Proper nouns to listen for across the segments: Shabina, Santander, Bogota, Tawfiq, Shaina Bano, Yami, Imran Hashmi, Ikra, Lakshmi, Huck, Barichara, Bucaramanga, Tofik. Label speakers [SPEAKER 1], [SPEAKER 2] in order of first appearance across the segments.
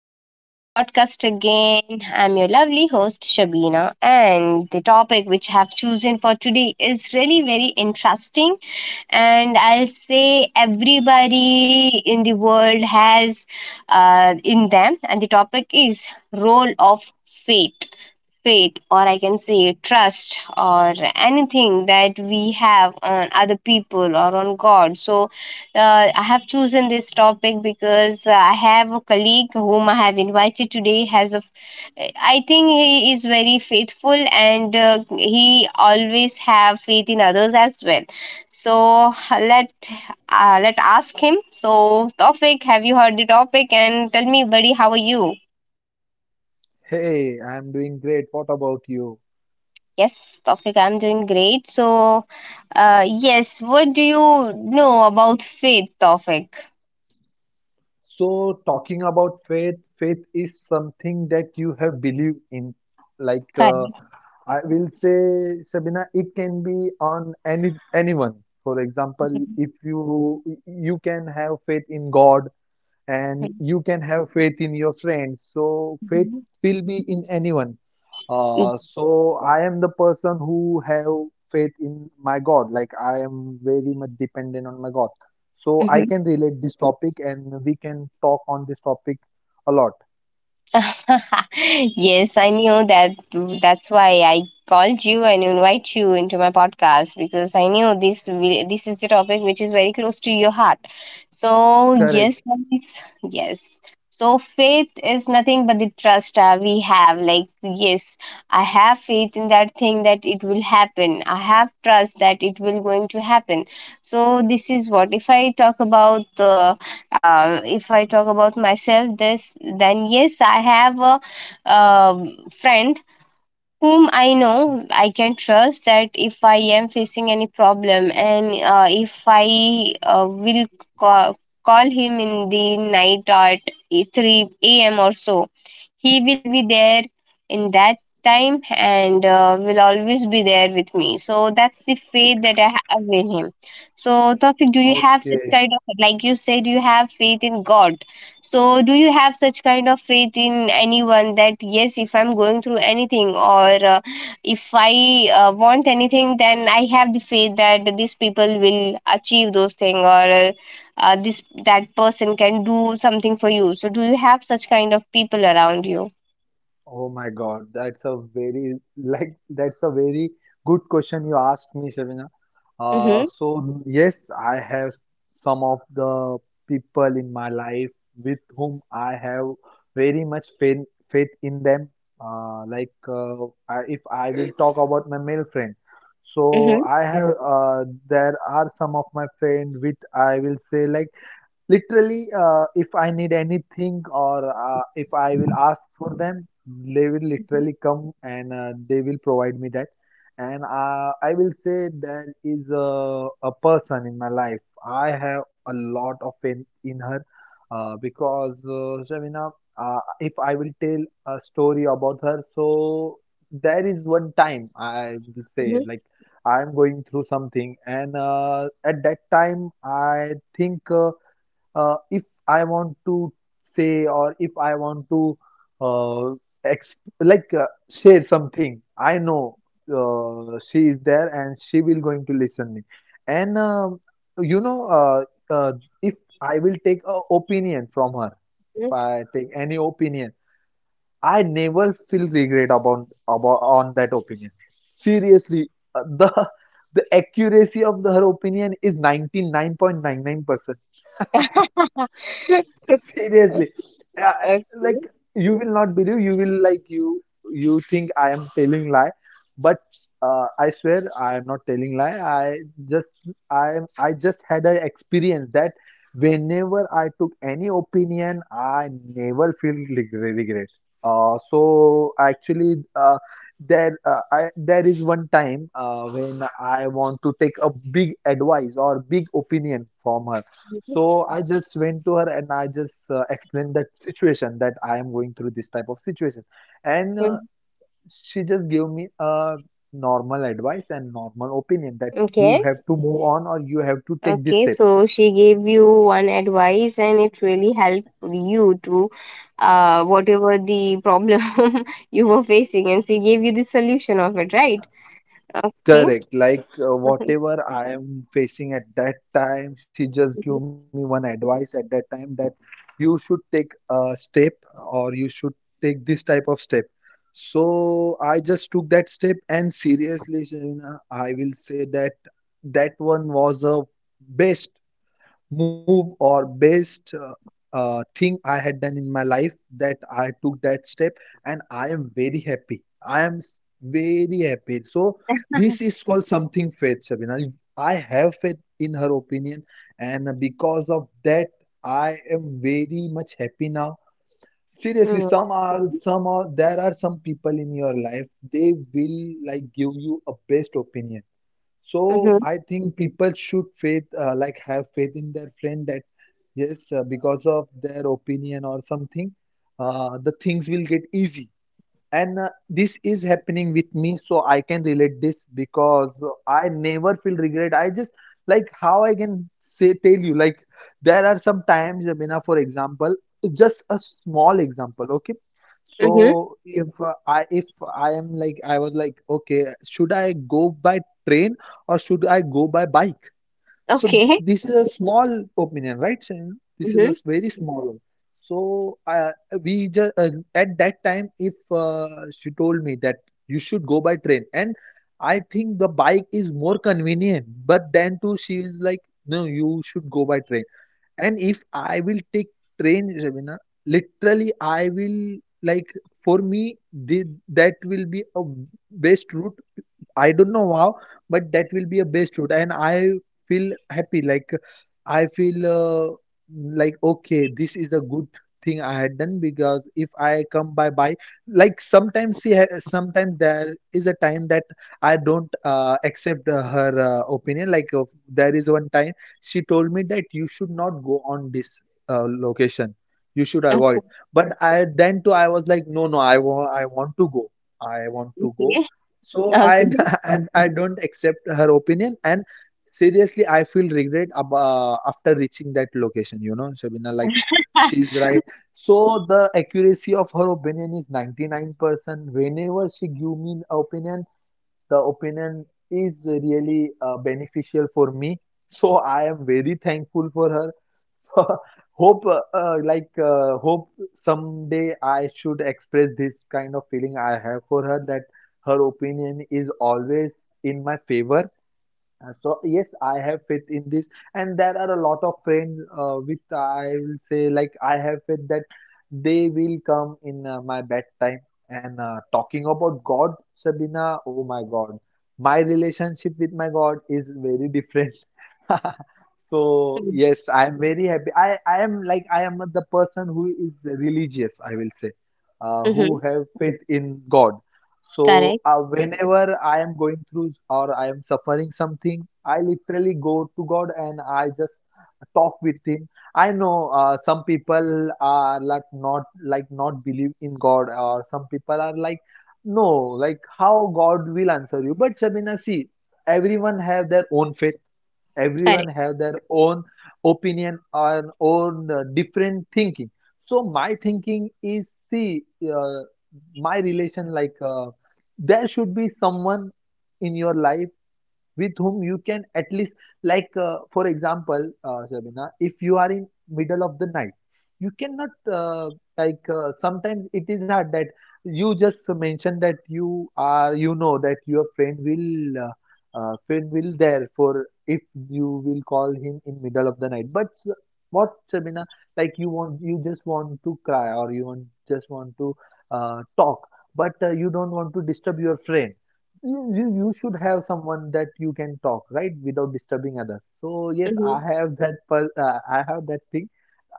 [SPEAKER 1] Welcome to my podcast again. I'm your lovely host, Shabina, and the topic which I have chosen for today is really very interesting. And I'll say everybody in the world has in them, and the topic is role of fate faith or I can say trust or anything that we have on other people or on god, so I have chosen this topic because I have a colleague whom I have invited today has a, I think he is very faithful, and he always have faith in others as well. So let let ask him. So topic, have you heard the topic? And tell me, buddy, how are you?
[SPEAKER 2] Hey, I'm doing great. What about you?
[SPEAKER 1] Yes, Tofik, I'm doing great. So Yes, what do you know about faith topic?
[SPEAKER 2] So, talking about faith, faith is something that you have believed in. Like, uh,
[SPEAKER 1] Correct.
[SPEAKER 2] I will say, Sabina, it can be on anyone. For example, if you can have faith in God, and you can have faith in your friends, so faith
[SPEAKER 1] Mhm.
[SPEAKER 2] will be in anyone. So I am the person who have faith in my god, like I am very much dependent on my god, so I
[SPEAKER 1] Mhm.
[SPEAKER 2] can relate this topic and we can talk on this topic a lot.
[SPEAKER 1] Yes, I knew that. That's why I called you and invite you into my podcast because I knew this is the topic which is very close to your heart. So yes,
[SPEAKER 2] Correct.
[SPEAKER 1] guys, yes. So faith is nothing but the trust we have. Like yes, I have faith in that thing that it will happen. I have trust that it will going to happen. So this is what if I talk about the, if I talk about myself, this then yes, I have a friend whom I know I can trust that if I am facing any problem and if I will call, call him in the night at 3 a.m. or so he will be there in that time and will always be there with me. So that's the faith that I have in him. So, Topic, do you have such
[SPEAKER 2] Okay.
[SPEAKER 1] kind of, like you said, you have faith in God. So, do you have such kind of faith in anyone that, yes, if I'm going through anything or if I want anything, then I have the faith that these people will achieve those things or this that person can do something for you, so do you have such kind of people around you?
[SPEAKER 2] Oh my God, that's a very that's a very good question you asked me, Shavina. Uh,
[SPEAKER 1] Mhm,
[SPEAKER 2] so yes, I have some of the people in my life with whom I have very much faith in them. If I will talk about my male friend, so
[SPEAKER 1] mhm,
[SPEAKER 2] I have there are some of my friend with I will say like literally, if I need anything, or if I will ask for them, they will
[SPEAKER 1] mhm,
[SPEAKER 2] literally come and they will provide me that. And I will say there is a person in my life. I have a lot of faith in her. Because Shamina, if I will tell a story about her, so there is one time I will say
[SPEAKER 1] mhm.
[SPEAKER 2] like I'm going through something, and at that time I think. If I want to say, or if I want to uh, ex like share something, I know she is there and she will going to listen me. And um you know, uh, uh, if I will take a opinion from her, if I take any opinion, I never feel regret about on that opinion. Seriously, the the accuracy of her opinion is 99.99%. Seriously, uh,
[SPEAKER 1] Okay.
[SPEAKER 2] like you will not believe. You will like you. You think I am telling lie, but I swear I am not telling lie. I just had an experience that whenever I took any opinion, I never feel regret. Uh, so actually, uh, there is one time when I want to take a big advice or big opinion from her,
[SPEAKER 1] Mhm,
[SPEAKER 2] so I just went to her and I just explained that situation that I am going through this type of situation, and
[SPEAKER 1] mhm.
[SPEAKER 2] she just gave me a normal advice and normal opinion that you
[SPEAKER 1] Okay.
[SPEAKER 2] have to move on or you have to take this
[SPEAKER 1] Okay.
[SPEAKER 2] step.
[SPEAKER 1] So she gave you one advice and it really helped you to, uh, whatever the problem you were facing, and she gave you the solution of it, right? Okay.
[SPEAKER 2] Correct.
[SPEAKER 1] Mhm,
[SPEAKER 2] Whatever I am facing at that time, she just gave
[SPEAKER 1] mhm,
[SPEAKER 2] me one advice at that time that you should take a step, or you should take this type of step. So I just took that step, and seriously, Shavina, I will say that that one was a best move or best thing I had done in my life, that I took that step, and I am very happy. Very happy. So this is called something faith, Shabina. I have faith in her opinion, and because of that, I am very much happy now. Seriously,
[SPEAKER 1] mhm.
[SPEAKER 2] some are there are some people in your life, they will like give you a best opinion. So
[SPEAKER 1] Mm-hmm.
[SPEAKER 2] I think people should faith like have faith in their friend, that yes, because of their opinion or something, the things will get easy, and this is happening with me, so I can relate this, because I never feel regret. I just Like how I can say tell you, like there are some times Jamina, for example, just a small example, okay?
[SPEAKER 1] Mm-hmm.
[SPEAKER 2] If I am like, I was like, okay, should I go by train or should I go by bike? So
[SPEAKER 1] Okay.
[SPEAKER 2] this is a small opinion, right, Shayan? This is a
[SPEAKER 1] Mm-hmm.
[SPEAKER 2] very small one. So we just At that time, if she told me that you should go by train, and I think the bike is more convenient. But then too, she is like, no, you should go by train. And if I will take train, Ravina, literally, I will like for me, that will be a best route. I don't know how, but that will be a best route, and I feel happy. Like I feel like Okay, this is a good thing I had done, because if I come by, like sometimes sometimes there is a time that I don't accept her opinion. There is one time she told me that you should not go on this location, you should avoid. But I, then too, I was like, no, no, I want to go. I want to go.
[SPEAKER 1] Okay.
[SPEAKER 2] So I
[SPEAKER 1] Okay.
[SPEAKER 2] and I don't accept her opinion, and seriously I feel regret ab after reaching that location, you know, Shabina, like she's right. So the accuracy of her opinion is 99%. Whenever she give me an opinion, the opinion is really beneficial for me, so I am very thankful for her. Hope someday I should express this kind of feeling I have for her, that her opinion is always in my favor. So yes, I have faith in this, and there are a lot of friends with I will say like I have faith that they will come in my bad time. And Talking about God, Sabina, oh my God, my relationship with my God is very different. So
[SPEAKER 1] Mm-hmm.
[SPEAKER 2] yes, I am very happy. I am the person who is religious, I will say, who
[SPEAKER 1] Mm-hmm.
[SPEAKER 2] have faith in God.
[SPEAKER 1] Correct.
[SPEAKER 2] Whenever I am going through or I am suffering something, I literally go to God and I just talk with Him. I know some people are like not believe in God, or some people are like no, like how God will answer you. But Shabina, see, everyone have their own faith, everyone
[SPEAKER 1] Correct.
[SPEAKER 2] have their own opinion or own different thinking. So my thinking is, see, uh, my relation like there should be someone in your life with whom you can at least for example, Shabina, if you are in middle of the night, you cannot sometimes it is hard that you just mention that you know that your friend will there for, if you will call him in middle of the night. What Sabina, like you want, you just want to cry or you want to talk, but you don't want to disturb your friend. You should have someone that you can talk right without disturbing others. So yes, I
[SPEAKER 1] Mm-hmm.
[SPEAKER 2] have that thing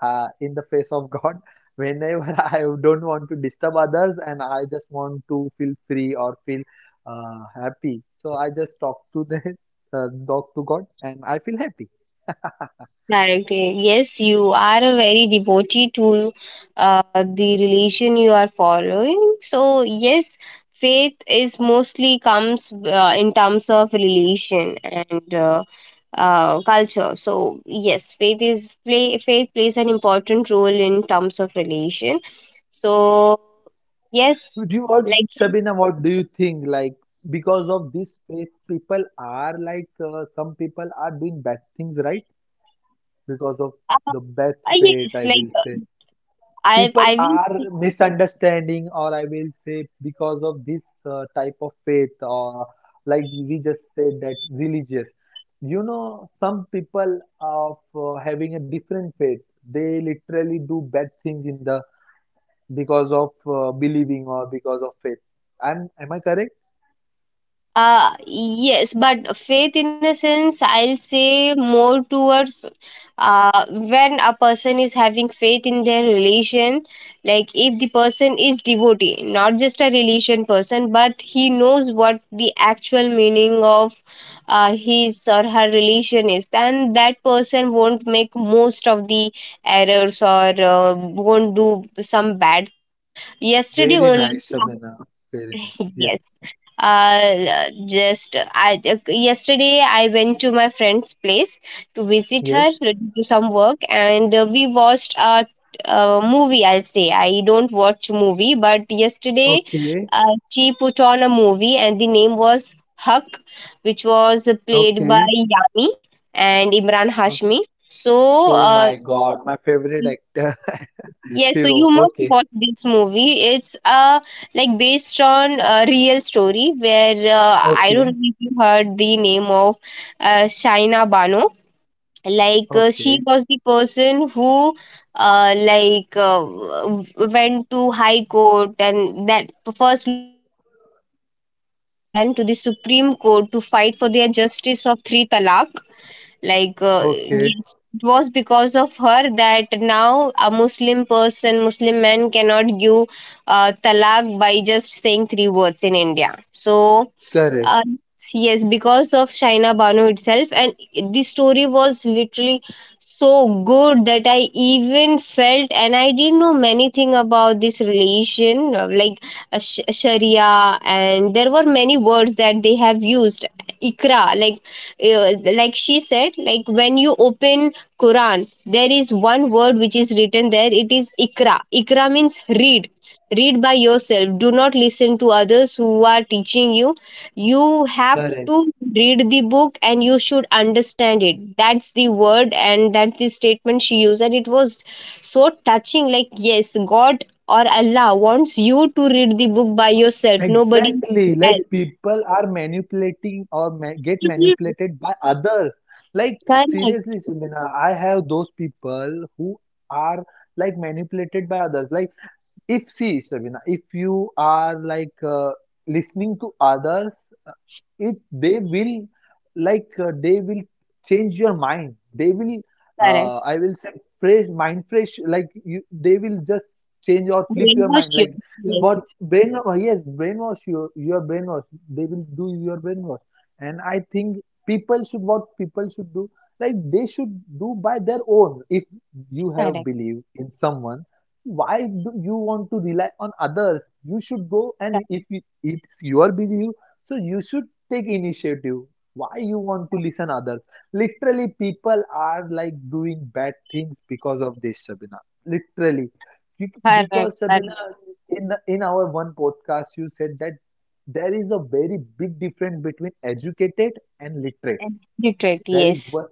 [SPEAKER 2] in the face of god. Whenever I don't want to disturb others and I just want to feel free or feel happy, so I just talk to the talk to god and I feel happy.
[SPEAKER 1] Directly. Yes, you are a very devotee to the religion you are following. So yes, faith is mostly comes in terms of religion and culture. So yes, faith plays an important role in terms of religion. So yes,
[SPEAKER 2] Do you what
[SPEAKER 1] like
[SPEAKER 2] Shabina, what do you think, like because of this faith people are like some people are doing bad things, right? Because of
[SPEAKER 1] uh,
[SPEAKER 2] the bad fate,
[SPEAKER 1] yes,
[SPEAKER 2] I
[SPEAKER 1] like
[SPEAKER 2] will
[SPEAKER 1] uh,
[SPEAKER 2] say.
[SPEAKER 1] I
[SPEAKER 2] People
[SPEAKER 1] I
[SPEAKER 2] are
[SPEAKER 1] will.
[SPEAKER 2] misunderstanding, or I will say, because of this type of faith, or like we just said that religious. You know, some people of having a different faith, they literally do bad things in the because of believing or because of faith. Am I correct?
[SPEAKER 1] Yes, but faith in a sense, I'll say more towards, when a person is having faith in their relation, like if the person is devotee, not just a religion person, but he knows what the actual meaning of his or her religion is, then that person won't make most of the errors or won't do some bad thing. Yesterday
[SPEAKER 2] Very
[SPEAKER 1] only.
[SPEAKER 2] nice, Shabana. Very nice. Yes.
[SPEAKER 1] Yes. Just I yesterday I went to my friend's place to visit her
[SPEAKER 2] Yes.
[SPEAKER 1] to do some work, and we watched a, uh, movie. I'll say I don't watch movie, but yesterday
[SPEAKER 2] Okay.
[SPEAKER 1] she put on a movie, and the name was Huck, which was played by
[SPEAKER 2] Okay.
[SPEAKER 1] Yami and Imran Hashmi. So
[SPEAKER 2] Oh my God, my favorite actor,
[SPEAKER 1] yes, so you
[SPEAKER 2] hero.
[SPEAKER 1] must
[SPEAKER 2] Okay,
[SPEAKER 1] watch this movie. It's uh, like based on a real story where I don't
[SPEAKER 2] okay,
[SPEAKER 1] know if you heard the name of Shaina Bano. Like she
[SPEAKER 2] okay,
[SPEAKER 1] was the person who uh like uh, w- went to High Court and that first local court and then High Court and then to the Supreme Court to fight for their justice of three talaq. Like
[SPEAKER 2] okay.
[SPEAKER 1] yes, it was because of her that now a muslim person muslim man cannot give talaq by just saying three words in india. So
[SPEAKER 2] Correct,
[SPEAKER 1] uh, yes, because of Shaina Banu itself, and the story was literally so good that I even felt, and I didn't know many thing about this relation, like Sharia, and there were many words that they have used. Ikra, like she said, like when you open Quran, there is one word which is written there. It is Ikra. Ikra means read. Read by yourself. Do not listen to others who are teaching you. You have
[SPEAKER 2] correct.
[SPEAKER 1] to read the book and you should understand it. That's the word and that's the statement she used, and it was so touching. Like yes, god or allah wants you to read the book by yourself, nobody
[SPEAKER 2] Exactly.
[SPEAKER 1] else.
[SPEAKER 2] Like people are manipulating or ma get manipulated by others. Like
[SPEAKER 1] Correct,
[SPEAKER 2] seriously, Subhina, I have those people who are like manipulated by others. Like if, see, Shabina, if you are like listening to others, uh, it they will they will change your mind.
[SPEAKER 1] correct.
[SPEAKER 2] I will say, fresh. They will just change or flip your
[SPEAKER 1] Brainwash
[SPEAKER 2] mind.
[SPEAKER 1] you.
[SPEAKER 2] Like
[SPEAKER 1] Yes.
[SPEAKER 2] what brain? Yes, brainwash your brainwash. They will do your brainwash. And I think people should what people should do. Like they should do by their own. If you have
[SPEAKER 1] Correct,
[SPEAKER 2] belief in someone, why do you want to rely on others? You should go, and
[SPEAKER 1] correct.
[SPEAKER 2] if it- it's your belief, so you should take initiative. Why you want to listen others? Literally people are like doing bad things because of this, Sabina. Literally.
[SPEAKER 1] Correct,
[SPEAKER 2] Because,
[SPEAKER 1] correct.
[SPEAKER 2] Sabina, in our one podcast, you said that there is a very big difference between educated and literate.
[SPEAKER 1] And literate,
[SPEAKER 2] there is
[SPEAKER 1] yes.
[SPEAKER 2] one,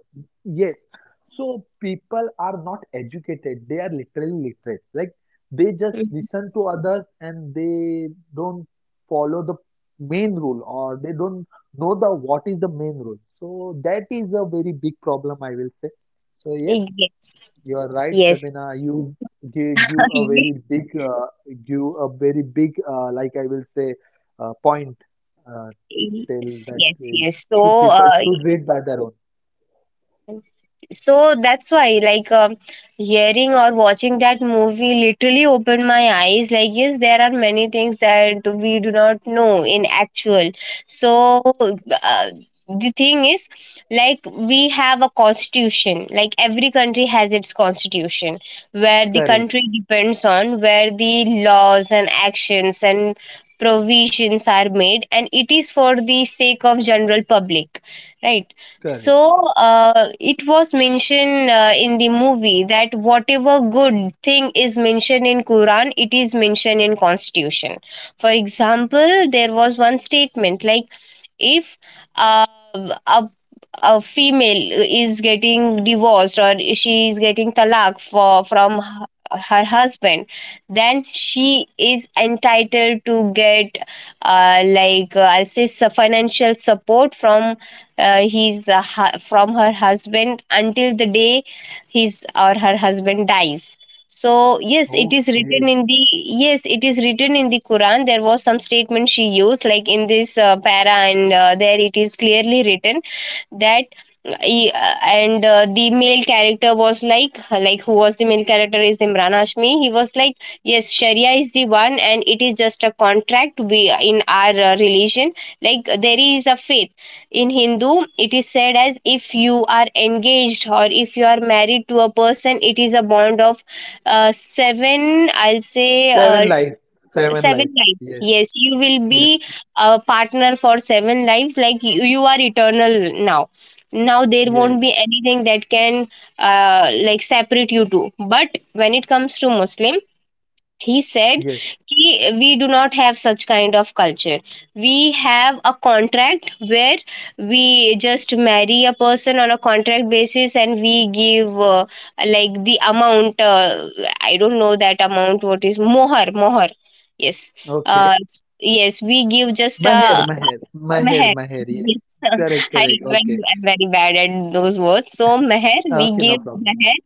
[SPEAKER 2] yes. So people are not educated. They are literally literate. Like they just
[SPEAKER 1] Mhm.
[SPEAKER 2] listen to others and they don't follow the main rule or they don't know the what is the main rule. So that is a very big problem, I will say. So yes,
[SPEAKER 1] Yes,
[SPEAKER 2] you are right,
[SPEAKER 1] yes.
[SPEAKER 2] Shabina. You gave you a very big, give a very big, like I will say, point. Uh, till
[SPEAKER 1] Yes,
[SPEAKER 2] that
[SPEAKER 1] yes, yes, so
[SPEAKER 2] should people
[SPEAKER 1] uh,
[SPEAKER 2] should read by their own.
[SPEAKER 1] so that's why like, hearing or watching that movie literally opened my eyes. Like yes, there are many things that we do not know in actual. So uh, the thing is, like, we have a constitution, like every country has its constitution, where the
[SPEAKER 2] Correct,
[SPEAKER 1] country depends on, where the laws and actions and provisions are made, and it is for the sake of general public, right? So
[SPEAKER 2] correct.
[SPEAKER 1] it was mentioned in the movie that whatever good thing is mentioned in Quran, it is mentioned in Constitution. For example, there was one statement like, if uh, a a female is getting divorced or she is getting talaq for from her, her husband, then she is entitled to get I'll say, financial support from, from her husband until the day his or her husband dies. So
[SPEAKER 2] Okay.
[SPEAKER 1] yes, it is written in the quran. There was some statement she used, like in this para, and there it is clearly written that, e- and the male character was like who was the male character is imran hashmi, he was like, yes, sharia is the one and it is just a contract. We in our religion, like, there is a faith in Hindu, it is said as if you are engaged or if you are married to a person, it is a bond of seven, I'll say,
[SPEAKER 2] Seven life, seven
[SPEAKER 1] seven
[SPEAKER 2] life.
[SPEAKER 1] lives.
[SPEAKER 2] Yes,
[SPEAKER 1] Yes, you will be
[SPEAKER 2] yes,
[SPEAKER 1] a partner for seven lives, like you are eternal now. Now there
[SPEAKER 2] yes,
[SPEAKER 1] won't be anything that can like separate you two. But when it comes to Muslim, he said,
[SPEAKER 2] yes.
[SPEAKER 1] "Ki- we do not have such kind of culture. We have a contract where we just marry a person on a contract basis, and we give the amount, I don't know that amount, what is mohar, mohar, yes, uh,
[SPEAKER 2] Okay.
[SPEAKER 1] yes, we give just a
[SPEAKER 2] Maher, Maher, Maher,
[SPEAKER 1] meher,
[SPEAKER 2] Maher. Yes.
[SPEAKER 1] yes."
[SPEAKER 2] Correct,
[SPEAKER 1] I
[SPEAKER 2] correct.
[SPEAKER 1] am very,
[SPEAKER 2] Okay.
[SPEAKER 1] I'm very bad at those words. So meher, we
[SPEAKER 2] Okay, no
[SPEAKER 1] give
[SPEAKER 2] problem.
[SPEAKER 1] meher,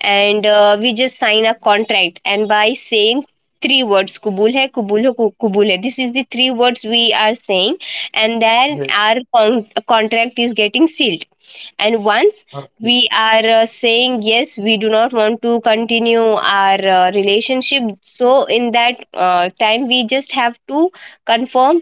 [SPEAKER 1] and we just sign a contract, and by saying three words, kubul hai, kubul hai, kubul hai, this is the three words we are saying, and then
[SPEAKER 2] Yes.
[SPEAKER 1] our contract is getting sealed. And once
[SPEAKER 2] Okay.
[SPEAKER 1] we are saying yes we do not want to continue our relationship, so in that time we just have to confirm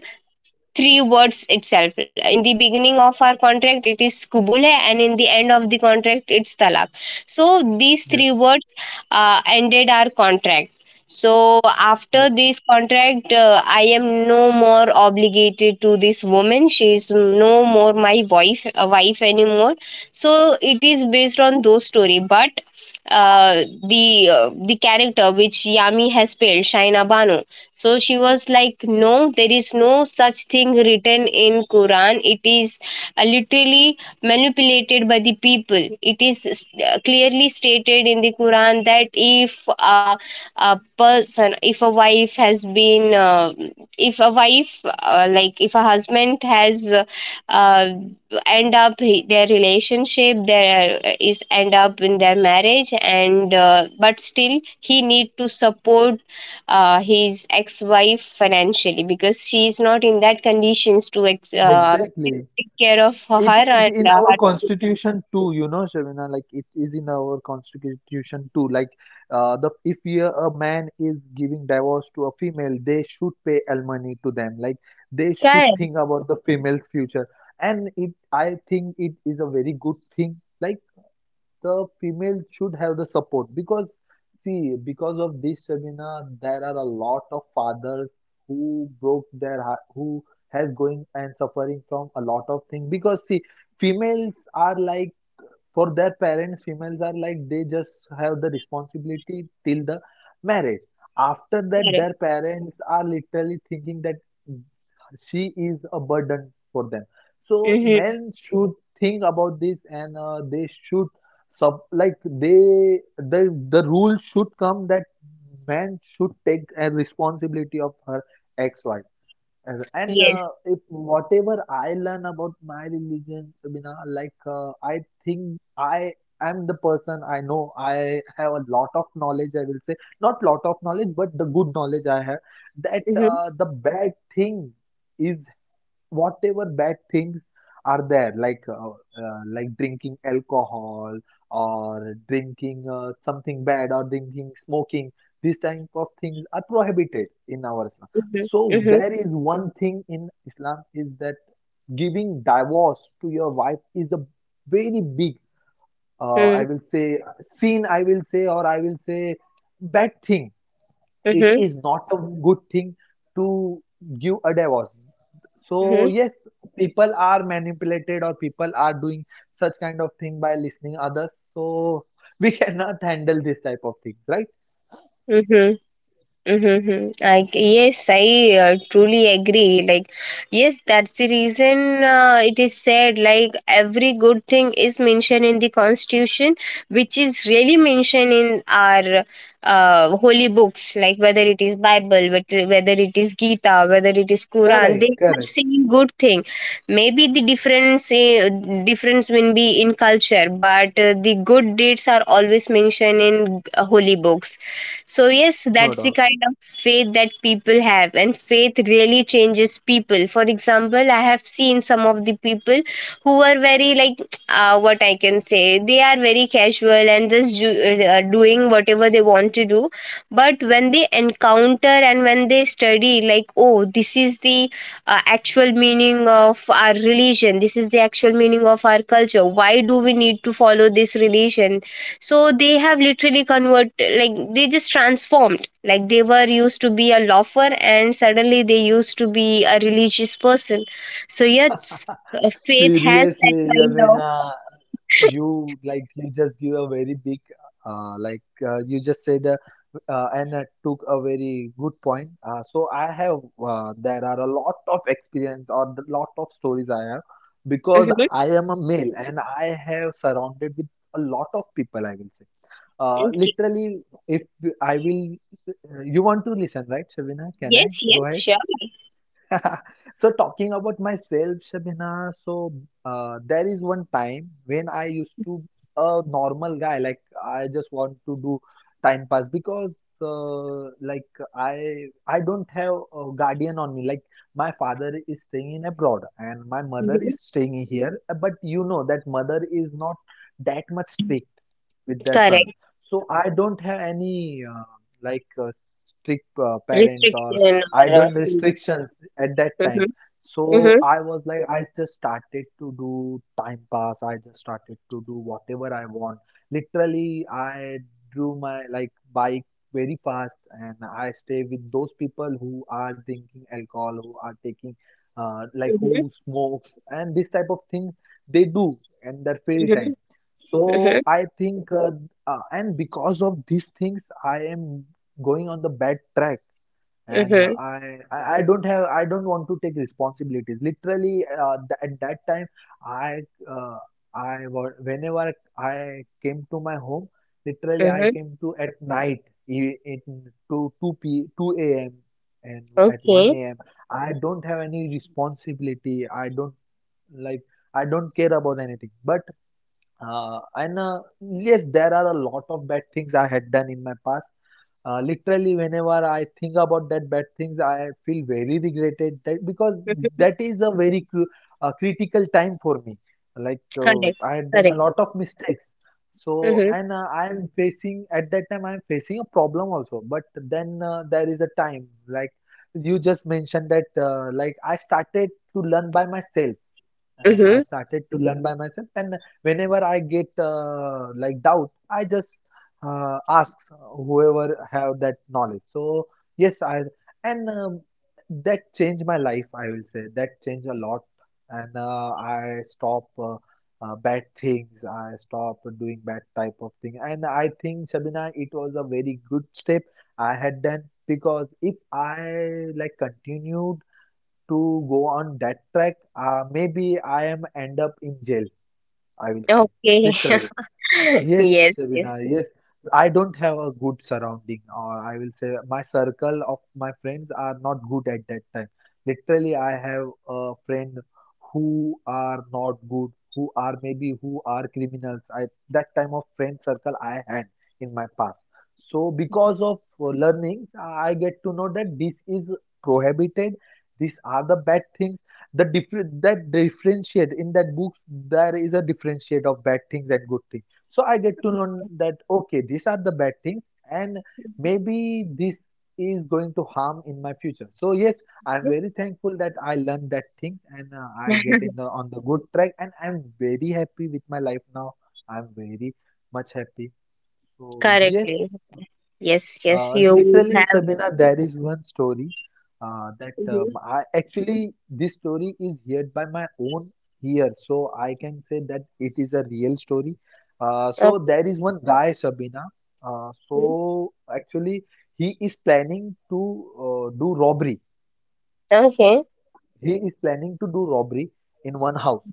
[SPEAKER 1] three words itself. In the beginning of our contract, it is kubule, and in the end of the contract, it's talak. So these three
[SPEAKER 2] Yes.
[SPEAKER 1] words ended our contract. So after
[SPEAKER 2] Okay.
[SPEAKER 1] this contract, I am no more obligated to this woman. She is no more my wife, wife anymore. So it is based on those story, but uh, the character which Yami has played, Shaina Banu, so she was like, no, there is no such thing written in quran. It is literally manipulated by the people. It is clearly stated in the quran that if a wife has been if a wife, if a husband has uh, end up, their relationship, there is end up in their marriage, and but still he need to support his ex-wife financially because she's not in that conditions to
[SPEAKER 2] Exactly.
[SPEAKER 1] take care of
[SPEAKER 2] It
[SPEAKER 1] her
[SPEAKER 2] is
[SPEAKER 1] and
[SPEAKER 2] in our
[SPEAKER 1] her children.
[SPEAKER 2] constitution too, you know, Shavina. Like it is in our constitution too. Like the if we, a man is giving divorce to a female, they should pay alimony to them. Like they should
[SPEAKER 1] Correct,
[SPEAKER 2] think about the female's future. And it, I think it is a very good thing. Like the female should have the support because see because of this seminar there are a lot of fathers who broke their heart who has going and suffering from a lot of things because see females are like for their parents females are like they just have the responsibility till the marriage after that
[SPEAKER 1] correct.
[SPEAKER 2] their parents are literally thinking that she is a burden for them so
[SPEAKER 1] Mm-hmm.
[SPEAKER 2] men should think about this and they should sub like they the the rule should come that man should take a responsibility of her ex-wife and and,
[SPEAKER 1] Yes.
[SPEAKER 2] uh, if whatever I learn about my religion, Bina, like I think I am the person I know. I have a lot of knowledge. I will say not lot of knowledge, but the good knowledge I have that
[SPEAKER 1] Mm-hmm.
[SPEAKER 2] the bad thing is whatever bad things are there like drinking alcohol or drinking something bad or drinking smoking these type of things are prohibited in our Islam.
[SPEAKER 1] Mm-hmm.
[SPEAKER 2] So
[SPEAKER 1] Mm-hmm.
[SPEAKER 2] there is one thing in Islam is that giving divorce to your wife is a very big I
[SPEAKER 1] Mm-hmm.
[SPEAKER 2] will say sin I will say or I will say bad thing. It is not a good thing to give a divorce. So
[SPEAKER 1] Mm-hmm.
[SPEAKER 2] yes, people are manipulated or people are doing such kind of thing by listening others. So we cannot handle this type of things, right?
[SPEAKER 1] Mm-hmm. Mm-hmm. Like yes, I truly agree. Like yes, that's the reason it is said like every good thing is mentioned in the constitution, which is really mentioned in our holy books. Like whether it is Bible, whether it is Gita, whether it is
[SPEAKER 2] Correct,
[SPEAKER 1] Quran, they
[SPEAKER 2] correct,
[SPEAKER 1] are saying good thing. Maybe the difference will be in culture, but the good deeds are always mentioned in holy books. So, yes,
[SPEAKER 2] no
[SPEAKER 1] that's the
[SPEAKER 2] doubt.
[SPEAKER 1] kind of faith that people have, and faith really changes people. For example, I have seen some of the people who are very, like, what I can say, they are very casual and just doing whatever they want to do. But when they encounter and when they study, like, oh, this is the actual meaning of our religion, this is the actual meaning of our culture, why do we need to follow this religion? So they have literally convert, like they just transformed, like they were used to be a loafer and suddenly they used to be a religious person. So yes, faith has
[SPEAKER 2] Seriously,
[SPEAKER 1] that kind
[SPEAKER 2] Jamina.
[SPEAKER 1] of
[SPEAKER 2] You like you just give a very big like you just said and took a very good point so I have there are a lot of experience or a lot of stories I have because
[SPEAKER 1] Mhm.
[SPEAKER 2] I am a male and I have surrounded with a lot of people I will say
[SPEAKER 1] Okay.
[SPEAKER 2] literally if I will you want to listen right Shavina can I
[SPEAKER 1] Yes,
[SPEAKER 2] go
[SPEAKER 1] yes,
[SPEAKER 2] ahead.
[SPEAKER 1] sure.
[SPEAKER 2] So talking about myself, Shabina, so there is one time when I used to a normal guy, like I just want to do time pass because like I don't have a guardian on me. Like my father is staying in abroad and my mother
[SPEAKER 1] Mhm.
[SPEAKER 2] is staying here, but you know that mother is not that much strict with their son.
[SPEAKER 1] Correct.
[SPEAKER 2] So I don't have any like strict parents or
[SPEAKER 1] Restriction
[SPEAKER 2] I
[SPEAKER 1] or
[SPEAKER 2] don't restrictions at that
[SPEAKER 1] Mhm.
[SPEAKER 2] time. So
[SPEAKER 1] Mhm.
[SPEAKER 2] I was like, I just started to do time pass. I just started to do whatever I want. Literally, I drew my like bike very fast, and I stay with those people who are drinking alcohol, who are taking, like
[SPEAKER 1] Mhm.
[SPEAKER 2] who smokes and this type of thing they do in their free time.
[SPEAKER 1] Mhm.
[SPEAKER 2] So
[SPEAKER 1] Mhm.
[SPEAKER 2] I think, and because of these things, I am going on the bad track and uh,
[SPEAKER 1] Mhm.
[SPEAKER 2] I, I I don't have I don't want to take responsibilities. Literally, th at that time, I uh, whenever I came to my home, literally I
[SPEAKER 1] Mhm.
[SPEAKER 2] came to at night e- in to 2 a.m. and at
[SPEAKER 1] Okay.
[SPEAKER 2] 1 a.m. I don't have any responsibility. I don't like I don't care about anything. But and yes, there are a lot of bad things I had done in my past. Literally, whenever I think about that bad things, I feel very regretted that because
[SPEAKER 1] Mhm.
[SPEAKER 2] that is a very critical time for me. Like
[SPEAKER 1] Correct,
[SPEAKER 2] I had done a
[SPEAKER 1] correct.
[SPEAKER 2] lot of mistakes, so
[SPEAKER 1] Mhm.
[SPEAKER 2] and I am facing at that time I am facing a problem also. But then there is a time like you just mentioned that like I started to learn by myself and I
[SPEAKER 1] Mhm.
[SPEAKER 2] started to learn by myself. And whenever I get like doubt, I just ask whoever have that knowledge. So yes, I and that changed my life. I will say that changed a lot, and uh, I stop bad things. I stop doing bad type of thing. And I think Shabina, it was a very good step I had done because if I like continue to go on that track, maybe I am end up in jail, I will say,
[SPEAKER 1] Okay.
[SPEAKER 2] literally. Yes,
[SPEAKER 1] Yes, yes.
[SPEAKER 2] Shabina, yes. I don't have a good surrounding, or I will say my circle of my friends are not good at that time. Literally, I have a friend who are not good, who are maybe who are criminals. I that time of friend circle I had in my past. So because of learnings, I get to know that this is prohibited. These are the bad things. The different that differentiate in that books there is a differentiate of bad things and good things. So I get to know that okay these are the bad things, and maybe this is going to harm in my future. So yes, I'm very thankful that I learned that thing and I get in the on the good track and I'm very happy with my life now. I'm very much happy. So yes,
[SPEAKER 1] Correctly. Yes, yes, you
[SPEAKER 2] literally,
[SPEAKER 1] have.
[SPEAKER 2] Shabina, there is one story uh, that
[SPEAKER 1] Hmm.
[SPEAKER 2] um, I actually this story is heard by my own ear, so I can say that it is a real story. So
[SPEAKER 1] Okay.
[SPEAKER 2] there is one guy, Shabina. So actually, he is planning to do robbery,
[SPEAKER 1] Okay.
[SPEAKER 2] he is planning to do robbery in one house.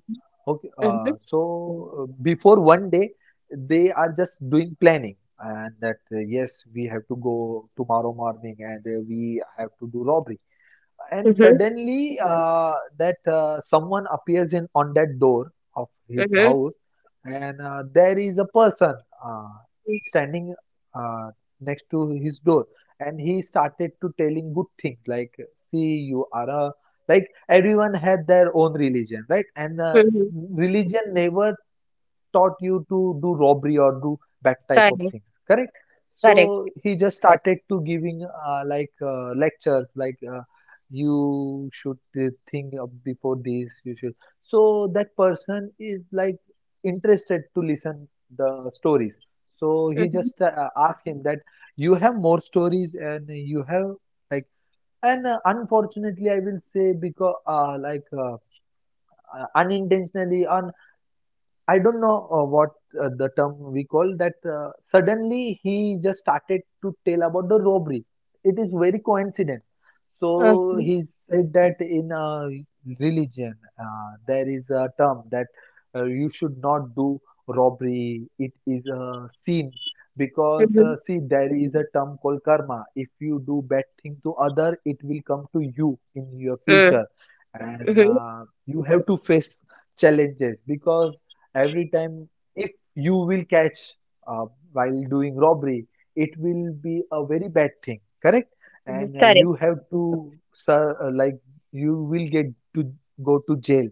[SPEAKER 2] Okay,
[SPEAKER 1] Mm-hmm.
[SPEAKER 2] so before one day, they are just doing planning, and that yes, we have to go tomorrow morning, and we have to do robbery. And
[SPEAKER 1] Mm-hmm.
[SPEAKER 2] suddenly that someone appears in on that door of his
[SPEAKER 1] Mm-hmm.
[SPEAKER 2] house and there is a person uh, standing uh, next to his door and he started to telling good things like see you are a like everyone had their own religion right and
[SPEAKER 1] Mm-hmm.
[SPEAKER 2] religion never taught you to do robbery or do that type of
[SPEAKER 1] Correct.
[SPEAKER 2] things correct.
[SPEAKER 1] Correct.
[SPEAKER 2] So he just started to giving lectures like you should think of before this you should. So that person is like interested to listen the stories. So he
[SPEAKER 1] Mm-hmm.
[SPEAKER 2] just asked him that you have more stories and you have like, and unfortunately I will say because unintentionally or I don't know what the term we call that. Suddenly, he just started to tell about the robbery. It is very coincident. So
[SPEAKER 1] Okay.
[SPEAKER 2] he said that in religion, there is a term that you should not do robbery. It is a sin because
[SPEAKER 1] Mm-hmm.
[SPEAKER 2] see, there is a term called karma. If you do bad thing to other, it will come to you in your
[SPEAKER 1] Mm-hmm.
[SPEAKER 2] future, and
[SPEAKER 1] Mm-hmm.
[SPEAKER 2] you have to face challenges because every time if you will catch uh, while doing robbery it will be a very bad thing correct,
[SPEAKER 1] Mm-hmm.
[SPEAKER 2] and
[SPEAKER 1] Correct.
[SPEAKER 2] you have to sir like you will get to go to jail.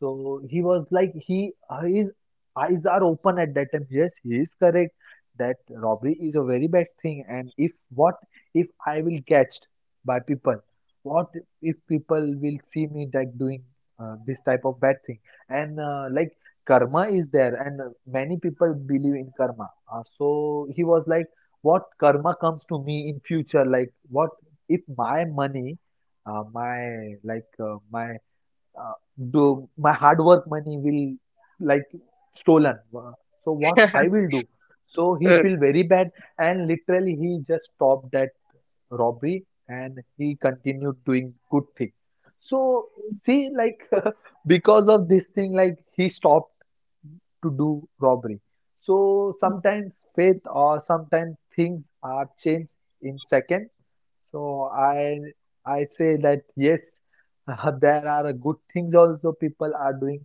[SPEAKER 2] So he was like he his eyes are open at that time yes he is correct that robbery is a very bad thing and if what if I will catched by people, what if people will see me that doing this type of bad thing, and like karma is there and many people believe in karma. So he was like what karma comes to me in future, like what if my money uh, my like uh, my uh, do my hard work money will like stolen. Uh, so what I will do. So he
[SPEAKER 1] Mm.
[SPEAKER 2] feel very bad and literally he just stopped that robbery and he continued doing good thing. So see like because of this thing like he stopped to do robbery. So sometimes faith or sometimes things are changed in second. So I say that yes, there are good things also people are doing,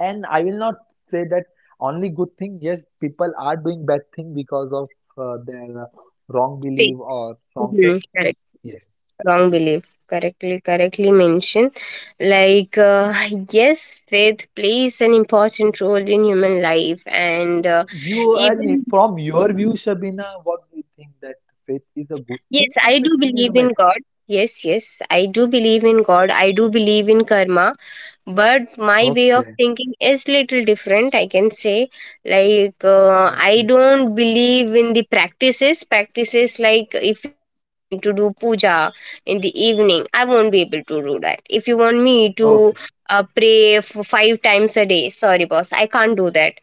[SPEAKER 2] and I will not say that only good thing. Yes, people are doing bad thing because of their wrong
[SPEAKER 1] Fake.
[SPEAKER 2] belief or wrong
[SPEAKER 1] Mm-hmm.
[SPEAKER 2] faith.
[SPEAKER 1] Correct.
[SPEAKER 2] Yes,
[SPEAKER 1] Wrong belief. Correctly, correctly mentioned. Like, yes, faith plays an important role in human life, and
[SPEAKER 2] you
[SPEAKER 1] even
[SPEAKER 2] and from your view, Shabina, what do you think that faith is a good
[SPEAKER 1] Yes,
[SPEAKER 2] thing or
[SPEAKER 1] I
[SPEAKER 2] faith
[SPEAKER 1] do
[SPEAKER 2] thing is a
[SPEAKER 1] believe
[SPEAKER 2] bad
[SPEAKER 1] in
[SPEAKER 2] thing?
[SPEAKER 1] God. Yes, yes, I do believe in God. I do believe in karma. But my way of
[SPEAKER 2] Okay,
[SPEAKER 1] thinking is little different, I can say. Like, I
[SPEAKER 2] okay,
[SPEAKER 1] don't believe in the practices. Practices like if you want me to do puja in the evening, I won't be able to do that. If you want me to
[SPEAKER 2] okay.
[SPEAKER 1] pray five times a day, sorry, boss, I can't do that.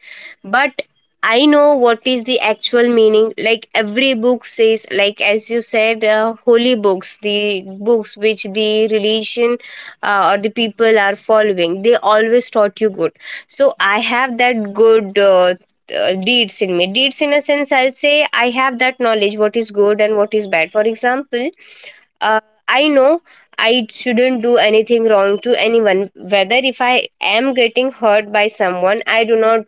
[SPEAKER 1] But I know what is the actual meaning. Like every book says, like as you said, holy books, the books which the religion or the people are following, they always taught you good. So I have that good deeds in me. Deeds in a sense, I'll say I have that knowledge what is good and what is bad. For example, uh, I know I shouldn't do anything wrong to anyone. Whether if I am getting hurt by someone, I do not,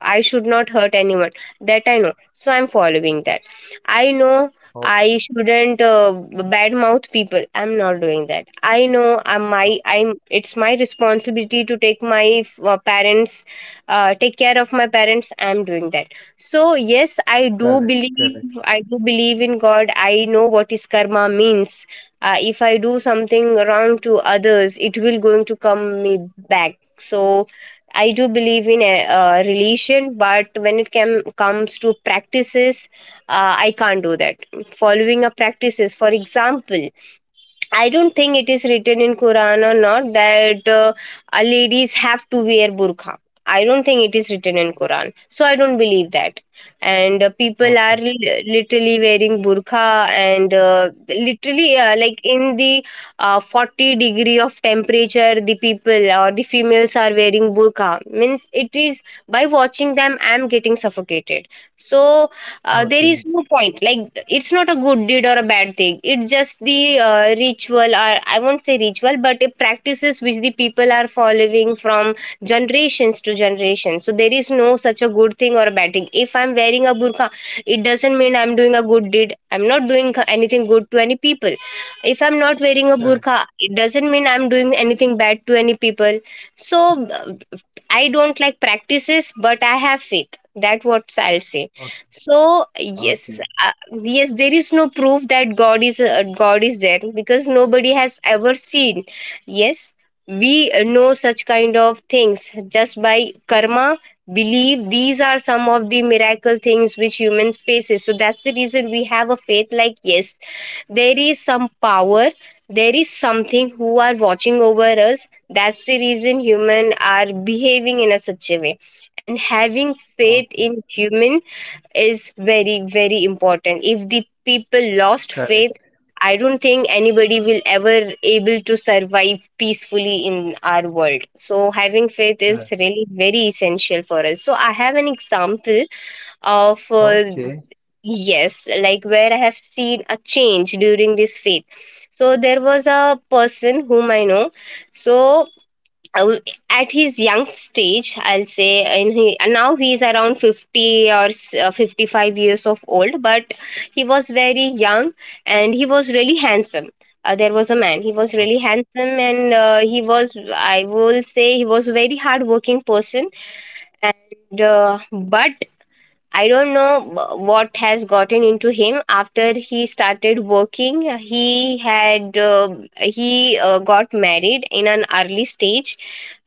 [SPEAKER 1] I should not hurt anyone. That I know. So I'm following that. I know I
[SPEAKER 2] Okay,
[SPEAKER 1] shouldn't badmouth people. I'm not doing that. I know I'm my, I'm. It's my responsibility to take my parents, take care of my parents. I'm doing that. So yes, I do
[SPEAKER 2] correct,
[SPEAKER 1] believe.
[SPEAKER 2] correct.
[SPEAKER 1] I do believe in God. I know what is karma means. If I do something wrong to others, it will going to come me back, so I do believe in a relation, but when it comes to practices, I can't do that, following a practices. For example, I don't think it is written in Quran or not that ladies have to wear burqa. I don't think it is written in Quran, so I don't believe that. And people are
[SPEAKER 2] Okay,
[SPEAKER 1] literally wearing burqa, and literally like in the 40 degree of temperature, the people or the females are wearing burqa. Means it is, by watching them, I am getting suffocated. So there is
[SPEAKER 2] okay,
[SPEAKER 1] no point, like it's not a good deed or a bad thing, it's just the ritual, or I won't say ritual, but practices which the people are following from generations to generation. So there is no such a good thing or a bad thing. If I'm wearing a burqa, it doesn't mean I'm doing a good deed, I'm not doing anything good to any people. If I'm not wearing a
[SPEAKER 2] correct.
[SPEAKER 1] burqa, it doesn't mean I'm doing anything bad to any people. So I don't like practices, but I have faith. That what I'll say.
[SPEAKER 2] Okay,
[SPEAKER 1] So yes,
[SPEAKER 2] okay,
[SPEAKER 1] yes, there is no proof that God is there, because nobody has ever seen. Yes, we know such kind of things just by karma. Believe these are some of the miracle things which humans faces. So that's the reason we have a faith. Like, yes, there is some power, there is something who are watching over us. That's the reason human are behaving in a such a way, and having faith
[SPEAKER 2] okay,
[SPEAKER 1] in human is very, very important. If the people lost faith,
[SPEAKER 2] correct,
[SPEAKER 1] I don't think anybody will ever able to survive peacefully in our world. So having faith is
[SPEAKER 2] correct.
[SPEAKER 1] really very essential for us. So I have an example of
[SPEAKER 2] Okay,
[SPEAKER 1] yes, like, where I have seen a change during this faith. So there was a person whom I know. So uh, at his young stage, I'll say, and now he is around 50 or 55 years of old, but he was very young and he was really handsome. There was a man, he was really handsome, and he was, I will say, he was a very hard working person. And, uh, but I don't know what has gotten into him after he started working. He got married in an early stage,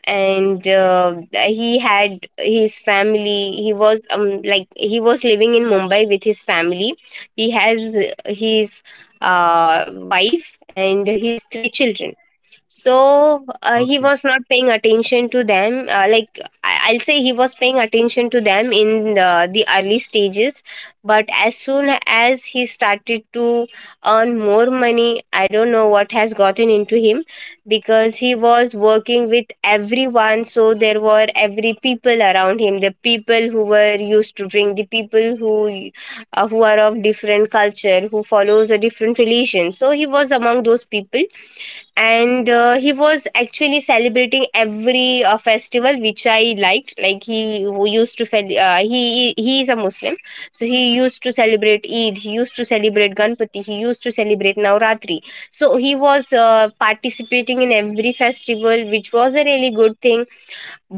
[SPEAKER 1] and he had his family. He was, like, he was living in Mumbai with his family. He has his wife and his three children. So he
[SPEAKER 2] okay,
[SPEAKER 1] was not paying attention to them, like I'll say he was paying attention to them in the early stages, but as soon as he started to earn more money, I don't know what has gotten into him, because he was working with everyone, so there were every people around him, the people who were used to drink, the people who are of different culture, who follows a different religion. So he was among those people, and he was actually celebrating every festival, which I liked. Like, he is a Muslim, so he used to celebrate Eid, he used to celebrate Ganpati, he used to celebrate Navratri. So he was participating in every festival, which was a really good thing.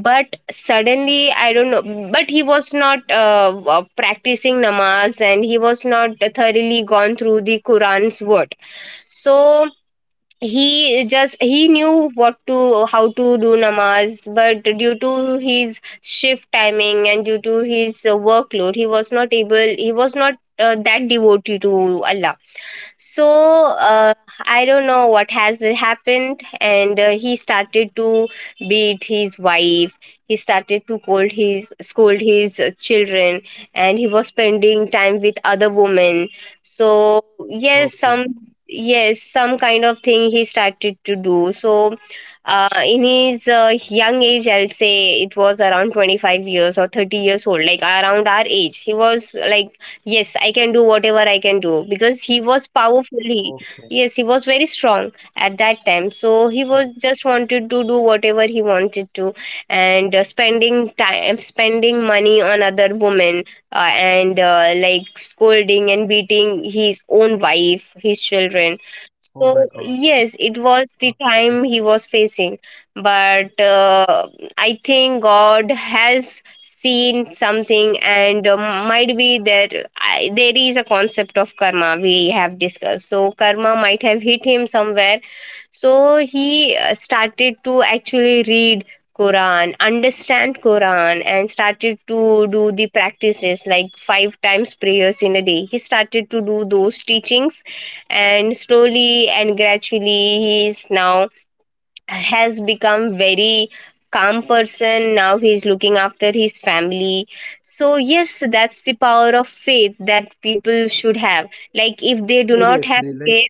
[SPEAKER 1] But suddenly, I don't know, but he was not practicing namaz, and he was not thoroughly gone through the Quran's word. So he knew what to how to do namaz, but due to his shift timing and due to his workload, he was not that devotee to Allah. So uh, I don't know what has happened, and he started to beat his wife, he started to scold his children, and he was spending time with other women. So yes,
[SPEAKER 2] okay, okay,
[SPEAKER 1] some kind of thing he started to do. So in his young age, I'll say, it was around 25 years or 30 years old, like around our age. He was like, yes, I can do whatever I can do, because he was powerfully.
[SPEAKER 2] okay.
[SPEAKER 1] Yes, he was very strong at that time, so he
[SPEAKER 2] Yes.
[SPEAKER 1] was just wanted to do whatever he wanted to, and spending time, spending money on other women, and like scolding and beating his own wife, his children.
[SPEAKER 2] Oh my God.
[SPEAKER 1] So yes, it was the
[SPEAKER 2] Okay.
[SPEAKER 1] time he was facing, but I think God has seen something, and might be there is a concept of karma we have discussed. So karma might have hit him somewhere. So he started to actually read Quran, understand Quran, and started to do the practices, like five times prayers in a day, he started to do those teachings. And slowly and gradually, he is now has become very calm person. Now he is looking after his family. So yes, that's the power of faith that people should have. Like, if they do not have
[SPEAKER 2] Seriously, like,
[SPEAKER 1] faith,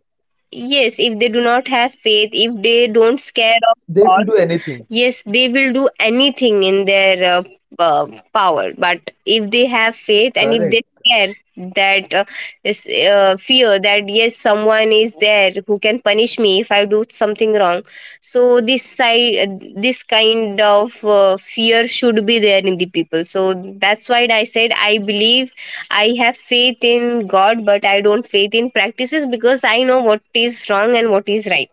[SPEAKER 1] yes, if they do not have faith, if they don't scare of
[SPEAKER 2] they will do
[SPEAKER 1] God,
[SPEAKER 2] anything.
[SPEAKER 1] yes, they will do anything in their uh, power. But if they have faith and if they
[SPEAKER 2] Correct,
[SPEAKER 1] care, that is, fear, that yes, someone is there who can punish me if I do something wrong. So this kind of fear should be there in the people. So that's why I said I believe, I have faith in God, but I don't faith in practices, because I know what is wrong and what is right.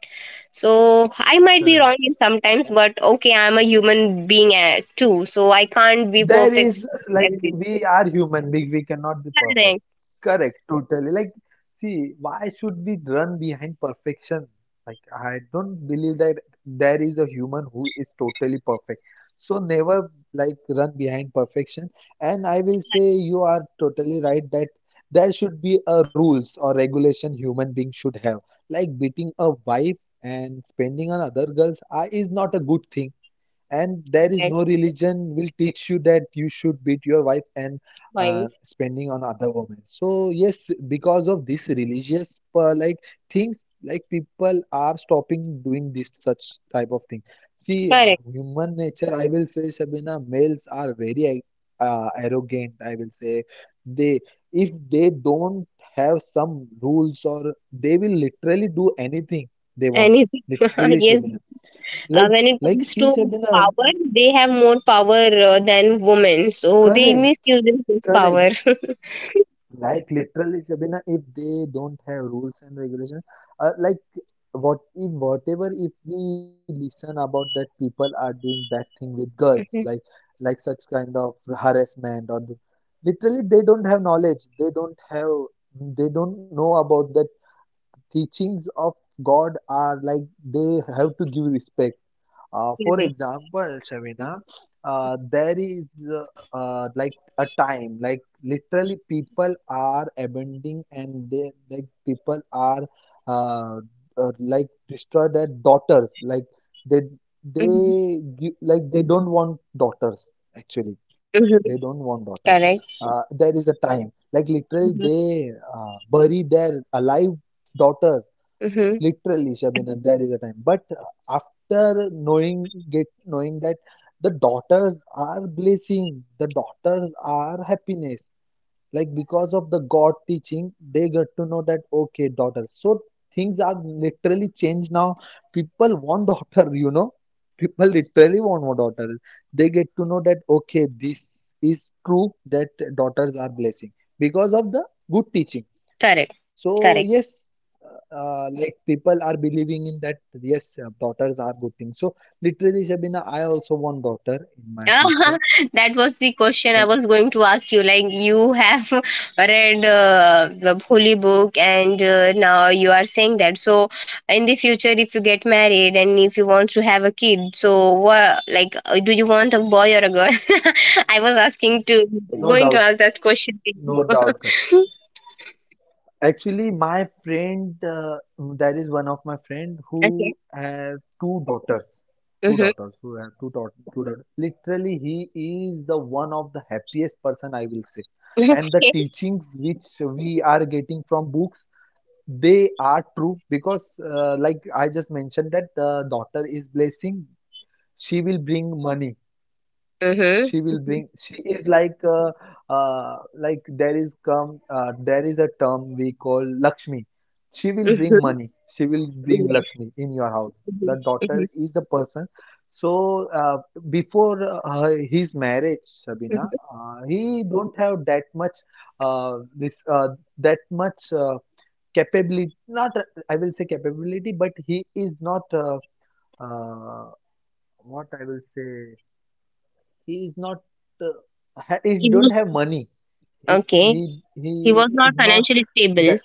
[SPEAKER 1] So I might be wrong
[SPEAKER 2] correct.
[SPEAKER 1] in sometimes, but okay, I'm a human being, too, so I can't be
[SPEAKER 2] There
[SPEAKER 1] perfect.
[SPEAKER 2] is,
[SPEAKER 1] At
[SPEAKER 2] like,
[SPEAKER 1] everything.
[SPEAKER 2] we are human being, we cannot be perfect.
[SPEAKER 1] Correct,
[SPEAKER 2] Correct, totally, like, see, why should we run behind perfection? Like, I don't believe that there is a human who is totally perfect, so never, like, run behind perfection. And I will say you are totally right that there should be a rules or regulation human being should have. Like, beating a wife and spending on other girls are, is not a good thing, and there is
[SPEAKER 1] correct,
[SPEAKER 2] no religion will teach you that you should beat your wife and
[SPEAKER 1] point,
[SPEAKER 2] spending on other women. So yes, because of this religious like things, like people are stopping doing this such type of thing. See,
[SPEAKER 1] correct.
[SPEAKER 2] human nature, I will say, Shabina, males are very arrogant, I will say, they, if they don't have some rules, or they will literally do anything they want.
[SPEAKER 1] Anything,
[SPEAKER 2] Literally,
[SPEAKER 1] yes.
[SPEAKER 2] Shabina, like
[SPEAKER 1] When it
[SPEAKER 2] like
[SPEAKER 1] comes
[SPEAKER 2] see,
[SPEAKER 1] to
[SPEAKER 2] Shabina.
[SPEAKER 1] power, they have more power than women,
[SPEAKER 2] Correct,
[SPEAKER 1] so they misuse
[SPEAKER 2] correct.
[SPEAKER 1] this power.
[SPEAKER 2] Like literally, Sabina, if they don't have rules and regulations, like, what if, whatever, if we listen about that people are doing bad thing with girls, like,
[SPEAKER 1] Mhm.
[SPEAKER 2] such kind of harassment or the, literally they don't have knowledge. They don't have, they don't know about the teachings of God are, like they have to give respect. For
[SPEAKER 1] Correct.
[SPEAKER 2] example, Shavina, there is uh, like a time, like literally people are abandoning, and they, like, people are uh, like destroy their daughters,
[SPEAKER 1] Mhm.
[SPEAKER 2] like, they they give, like they don't want
[SPEAKER 1] Mhm.
[SPEAKER 2] daughters actually. They
[SPEAKER 1] Correct.
[SPEAKER 2] don't want daughters. There is a
[SPEAKER 1] Mhm.
[SPEAKER 2] time, like literally they bury their alive
[SPEAKER 1] Mhm.
[SPEAKER 2] daughter. Literally, Shabina, there is a time. But after knowing, get knowing that the daughters are blessing, the daughters are happiness. Like, because of the God teaching, they get to know that okay, daughters. So, things are literally changed now. People want daughter. People literally want more daughters. They get to know that okay, this is true that daughters are blessing because of the good teaching.
[SPEAKER 1] Correct.
[SPEAKER 2] So
[SPEAKER 1] Correct.
[SPEAKER 2] yes, like people are believing in that, yes, daughters are good things. So literally, Shabina, I also want daughter in my
[SPEAKER 1] Yeah,
[SPEAKER 2] future.
[SPEAKER 1] that was the question I
[SPEAKER 2] So,
[SPEAKER 1] was going to ask you. Like, you have read the holy book, and now you are saying that. So, in the future, if you get married and if you want to have a kid, so what? Like, do you want a boy or a girl? I was asking to
[SPEAKER 2] no
[SPEAKER 1] going to
[SPEAKER 2] doubt,
[SPEAKER 1] ask that question to
[SPEAKER 2] no doubt. Karan.
[SPEAKER 1] you.
[SPEAKER 2] Actually, my friend, that is one of my friend
[SPEAKER 1] Okay.
[SPEAKER 2] who have two daughters, two
[SPEAKER 1] Mm-hmm.
[SPEAKER 2] daughters, who have two daughters, two daughters. Literally, he is the one of the happiest person, I will say, and the teachings which we are getting from books, they are true because, like I just mentioned, that the daughter is blessing. She will bring money.
[SPEAKER 1] Okay.
[SPEAKER 2] She will
[SPEAKER 1] Mm-hmm.
[SPEAKER 2] bring. She is like, like, there is come. There is a term we call Lakshmi. She will
[SPEAKER 1] Mm-hmm.
[SPEAKER 2] bring money. She will
[SPEAKER 1] Mm-hmm.
[SPEAKER 2] bring
[SPEAKER 1] Yes.
[SPEAKER 2] Lakshmi in your house.
[SPEAKER 1] Mm-hmm.
[SPEAKER 2] The
[SPEAKER 1] Mm-hmm.
[SPEAKER 2] daughter is the person. So before his marriage, Shabina,
[SPEAKER 1] Mm-hmm.
[SPEAKER 2] he don't have that much this that much. Capability, not I will say capability, but he is not uh, what I will say, he is not uh, he
[SPEAKER 1] He was
[SPEAKER 2] don't have money, he
[SPEAKER 1] Okay.
[SPEAKER 2] he he
[SPEAKER 1] He was
[SPEAKER 2] is
[SPEAKER 1] not
[SPEAKER 2] not
[SPEAKER 1] financially stable.
[SPEAKER 2] that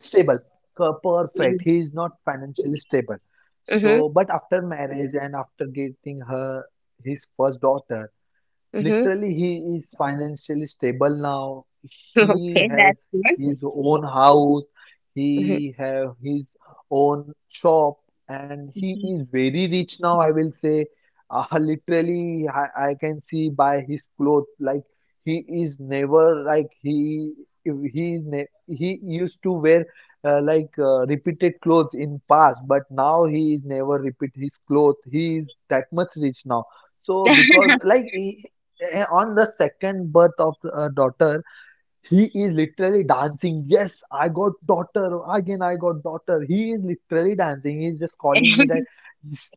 [SPEAKER 2] stable, perfect, he
[SPEAKER 1] Yes.
[SPEAKER 2] is not financially stable. So
[SPEAKER 1] Mhm.
[SPEAKER 2] but after marriage, and after getting her his first daughter,
[SPEAKER 1] Mhm.
[SPEAKER 2] literally, he is financially stable now.
[SPEAKER 1] Okay,
[SPEAKER 2] He has
[SPEAKER 1] that's good.
[SPEAKER 2] his own house.
[SPEAKER 1] Mhm.
[SPEAKER 2] He have his own shop, and he is very rich now, I will say. Literally, I can see by his clothes. Like he is never, like he is ne he used to wear like repeated clothes in past, but now he is never repeat his clothes. He is that much rich now. So because like he, on the second birth of a daughter, he is literally dancing. Yes, I got daughter. Again, I got daughter. He is literally dancing. He is just calling me that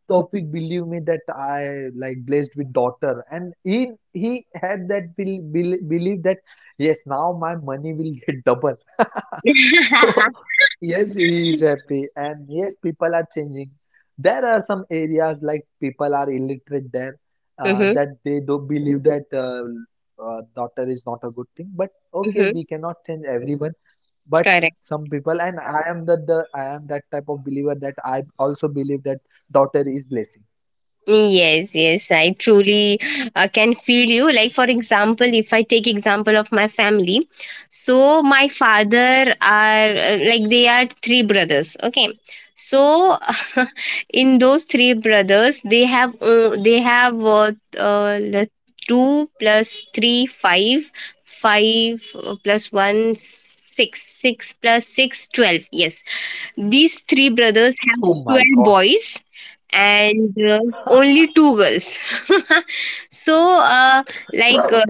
[SPEAKER 2] Tofik, believe me that I like blessed with daughter. And he had that belief that yes, now my money will get double. So yes, he is happy. And yes, people are changing. There are some areas like people are illiterate there,
[SPEAKER 1] Mhm.
[SPEAKER 2] that they do believe that daughter is not a good thing. But okay,
[SPEAKER 1] Mhm.
[SPEAKER 2] we cannot change everyone, but
[SPEAKER 1] Correct.
[SPEAKER 2] some people, and I am the I am that type of believer that I also believe that daughter is blessing.
[SPEAKER 1] Yes, yes, I truly can feel you. Like for example, if I take example of my family, so my father are like they are three brothers. Okay, so in those three brothers, they have the two plus three five five plus one six six plus six 12, yes, these three brothers have
[SPEAKER 2] Oh my
[SPEAKER 1] 12
[SPEAKER 2] God.
[SPEAKER 1] boys and only two girls. So, like,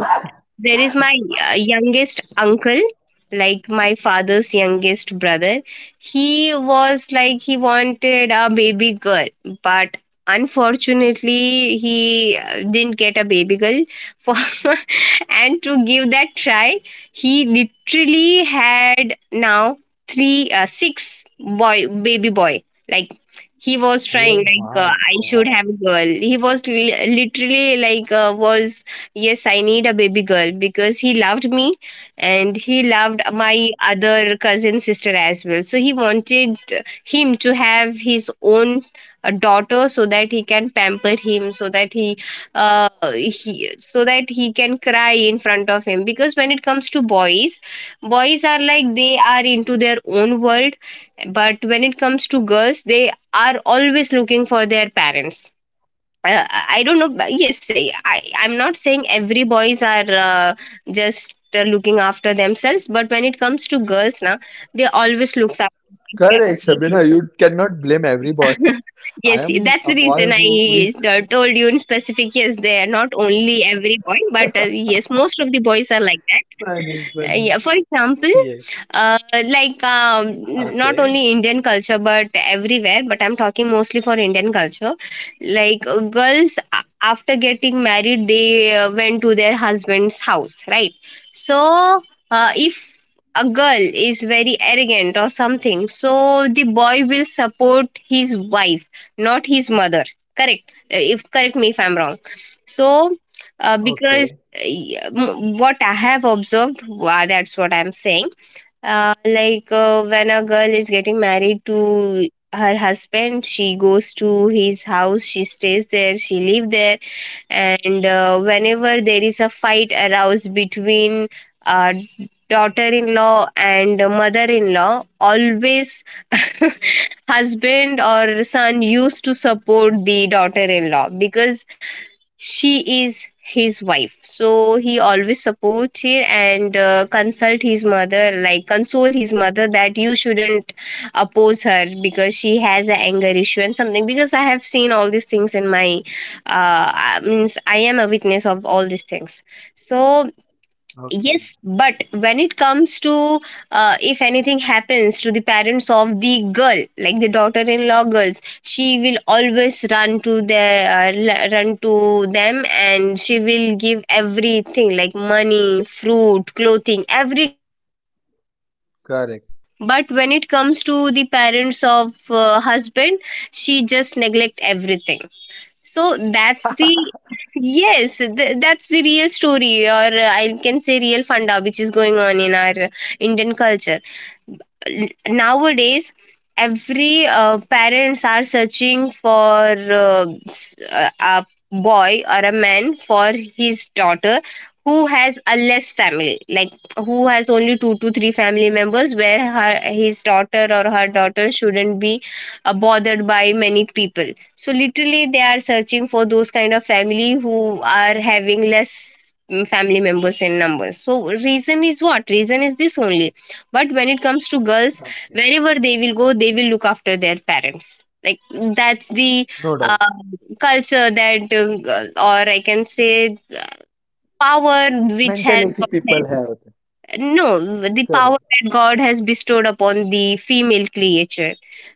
[SPEAKER 1] there is my youngest uncle, like my father's youngest brother. He was like, he wanted a baby girl, but unfortunately, he didn't get a baby girl. For And to give that try, he literally had now three, six boy, baby boy. Like he was trying,
[SPEAKER 2] Oh
[SPEAKER 1] like
[SPEAKER 2] my
[SPEAKER 1] I should
[SPEAKER 2] God.
[SPEAKER 1] have a girl. He was literally like was yes, I need a baby girl because he loved me and he loved my other cousin sister as well, so he wanted him to have his own daughter so that he can pamper him, so that uh he can cry in front of him because when it comes to boys, boys are like they are into their own world, but when it comes to girls, they are always looking for their parents. I don't know, but yes, I'm not saying every boys are just looking after themselves, but when it comes to girls, now they always looks after.
[SPEAKER 2] Correct, Shabina. You cannot blame every boy.
[SPEAKER 1] Yes,
[SPEAKER 2] I am
[SPEAKER 1] that's
[SPEAKER 2] a
[SPEAKER 1] the
[SPEAKER 2] boy
[SPEAKER 1] reason
[SPEAKER 2] who
[SPEAKER 1] I
[SPEAKER 2] is.
[SPEAKER 1] told you in specific. Yes, they are not only every boy, but yes, most of the boys are like that. Yeah, for example,
[SPEAKER 2] Yes.
[SPEAKER 1] uh, like not only Indian culture but everywhere, but I'm talking mostly for Indian culture. Like girls, after getting married, they went to their husband's house, right? So if a girl is very arrogant or something, so the boy will support his wife, not his mother. Correct. If correct me if I'm wrong. So because
[SPEAKER 2] Okay,
[SPEAKER 1] yeah, what I have observed, wow, that's what I'm saying. Like when a girl is getting married to her husband, she goes to his house, she stays there, she live there, and whenever there is a fight aroused between uh, daughter-in-law and mother-in-law, always husband or son used to support the daughter-in-law because she is his wife, so he always supports her and consult his mother, like console his mother that you shouldn't oppose her because she has an anger issue and something because I have seen all these things in my means I am a witness of all these things, so yes.
[SPEAKER 2] okay.
[SPEAKER 1] But when it comes to if anything happens to the parents of the girl, like the daughter-in-law girls, she will always run to their run to them and she will give everything like money, fruit, clothing, everything, everything to their parents.
[SPEAKER 2] Correct.
[SPEAKER 1] But when it comes to the parents of husband, she just neglect everything, so that's the yes, that's the real story, or I can say real funda, which is going on in our Indian culture. Nowadays, every parents are searching for a boy or a man for his daughter who has a less family, like who has only two to three family members, where her his daughter or her daughter shouldn't be bothered by many people, so literally, they are searching for those kind of family who are having less family members in numbers. So reason is what? Reason is this only. But when it comes to girls,
[SPEAKER 2] Okay,
[SPEAKER 1] wherever they will go, they will look after their parents. Like that's the
[SPEAKER 2] no
[SPEAKER 1] uh,
[SPEAKER 2] doubt.
[SPEAKER 1] culture that, or I can say power which has God
[SPEAKER 2] Mentality
[SPEAKER 1] has
[SPEAKER 2] people have.
[SPEAKER 1] no, the power
[SPEAKER 2] Correct.
[SPEAKER 1] that God has bestowed upon the female creature,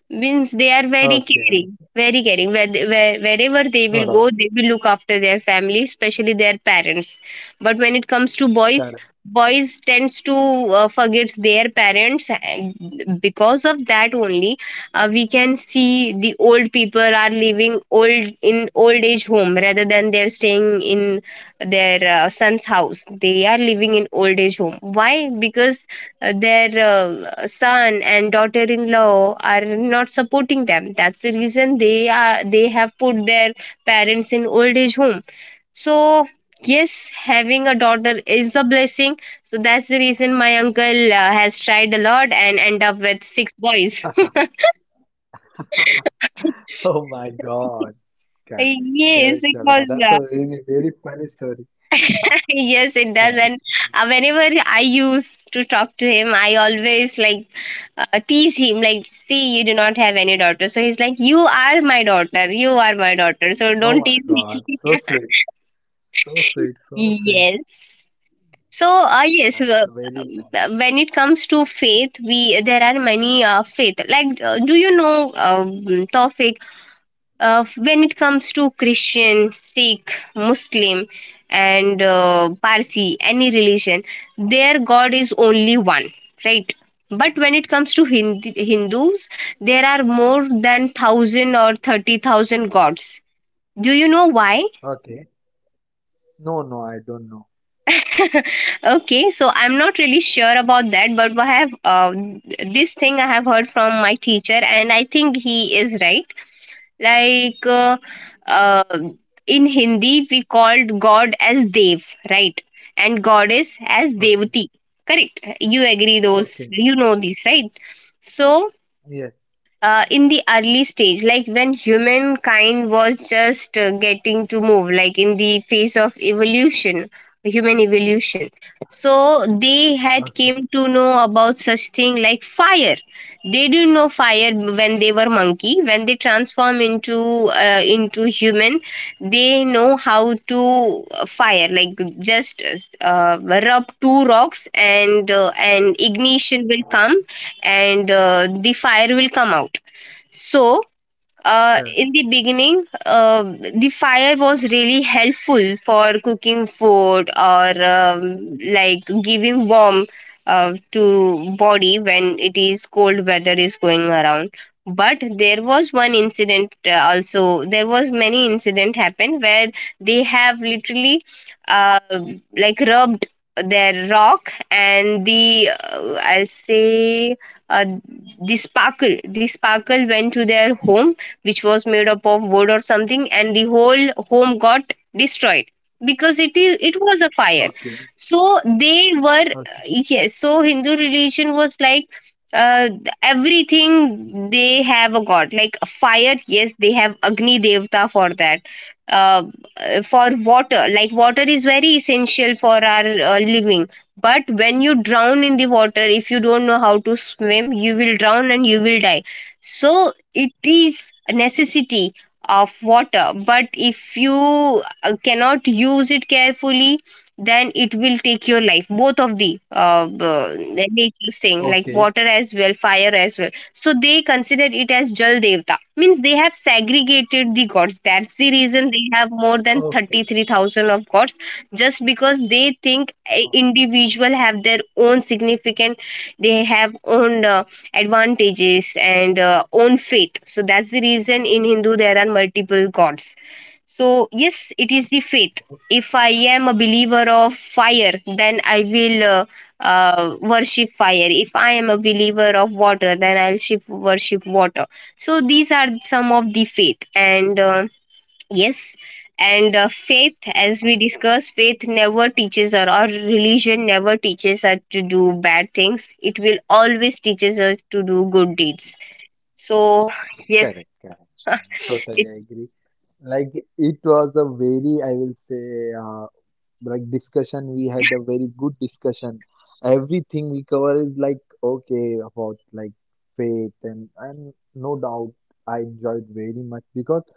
[SPEAKER 1] means they are very
[SPEAKER 2] Okay,
[SPEAKER 1] caring, very caring, where, wherever they will
[SPEAKER 2] no
[SPEAKER 1] go,
[SPEAKER 2] doubt.
[SPEAKER 1] they will look after their family, especially their parents. But when it comes to boys,
[SPEAKER 2] Correct.
[SPEAKER 1] boys tends to forget their parents, and because of that only we can see the old people are living old in old age home rather than they're staying in their son's house. They are living in old age home. Why? Because their son and daughter-in-law are not supporting them. That's the reason they have put their parents in old age home. So yes, having a daughter is a blessing. So that's the reason my uncle has tried a lot and end up with six boys.
[SPEAKER 2] Oh my God, correct,
[SPEAKER 1] Yes,
[SPEAKER 2] correct,
[SPEAKER 1] because
[SPEAKER 2] Shamina. That's a really, very funny story.
[SPEAKER 1] yes, it does. And
[SPEAKER 2] Nice.
[SPEAKER 1] whenever I used to talk to him, I always like tease him, like, see, you do not have any daughter. So he's like, you are my daughter. You are my daughter. So don't
[SPEAKER 2] Oh
[SPEAKER 1] tease
[SPEAKER 2] my
[SPEAKER 1] me.
[SPEAKER 2] God, so sweet, so sweet, so sweet.
[SPEAKER 1] Yes. So,
[SPEAKER 2] That's very nice.
[SPEAKER 1] when it comes to faith, we there are many faith. Like, do you know, Tawfiq? When it comes to Christian, Sikh, Muslim, and Parsi, any religion, their God is only one, right? But when it comes to Hindus, there are more than 1,000 or 30,000 gods. Do you know why?
[SPEAKER 2] Okay. No, no, I don't know.
[SPEAKER 1] Okay, so I'm not really sure about that, but I have this thing I have heard from my teacher, and I think he is right. Like uh, in Hindi, we called God as Dev, right? And goddess as
[SPEAKER 2] Okay,
[SPEAKER 1] Devati. Correct. You agree those.
[SPEAKER 2] okay,
[SPEAKER 1] You know this, right? So
[SPEAKER 2] yes,
[SPEAKER 1] in the early stage, like when humankind was just getting to move, like in the phase of evolution, human evolution, so they had came
[SPEAKER 2] okay,
[SPEAKER 1] to know about such thing like fire. They didn't know fire when they were monkey. When they transform into human, they know how to fire, like just uh, rub two rocks and ignition will come and the fire will come out. So
[SPEAKER 2] correct.
[SPEAKER 1] in the beginning, the fire was really helpful for cooking food or like giving warmth to body when it is cold weather is going around. But there was one incident also. There was many incident happened where they have literally uh, like rubbed their rock and the I'll say uh, the sparkle went to their home which was made up of wood or something and the whole home got destroyed because it was a fire.
[SPEAKER 2] Okay,
[SPEAKER 1] So they were
[SPEAKER 2] okay,
[SPEAKER 1] yes, so Hindu religion was like uh, everything they have a god, like fire, yes, they have Agni Devta for that. uh, for water, like water is very essential for our living, but when you drown in the water, if you don't know how to swim, you will drown and you will die. So it is a necessity of water, but if you cannot use it carefully, then it will take your life, both of the nature's thing
[SPEAKER 2] okay,
[SPEAKER 1] like water as well, fire as well, so they consider it as Jal Devta, means they have segregated the gods, that's the reason they have more than
[SPEAKER 2] okay,
[SPEAKER 1] 33,000 of gods, just because they think a
[SPEAKER 2] okay,
[SPEAKER 1] individual have their own significant. They have own advantages and own faith, so that's the reason in Hindu there are multiple gods. So yes, it is the
[SPEAKER 2] okay.
[SPEAKER 1] faith. If I am a believer of fire, then I will worship fire. If I am a believer of water, then I'll shift worship water. So these are some of the faith, and yes. And faith, as we discussed, faith never teaches, or religion never teaches us to do bad things. It will always teaches us to do good deeds. So yes,
[SPEAKER 2] Correct, correct, Shamina. Totally
[SPEAKER 1] it's
[SPEAKER 2] agree. Like, it was a very, I will say, like discussion. We had a very good discussion, everything we cover is like okay, about like faith. And no doubt, I enjoyed very much, because,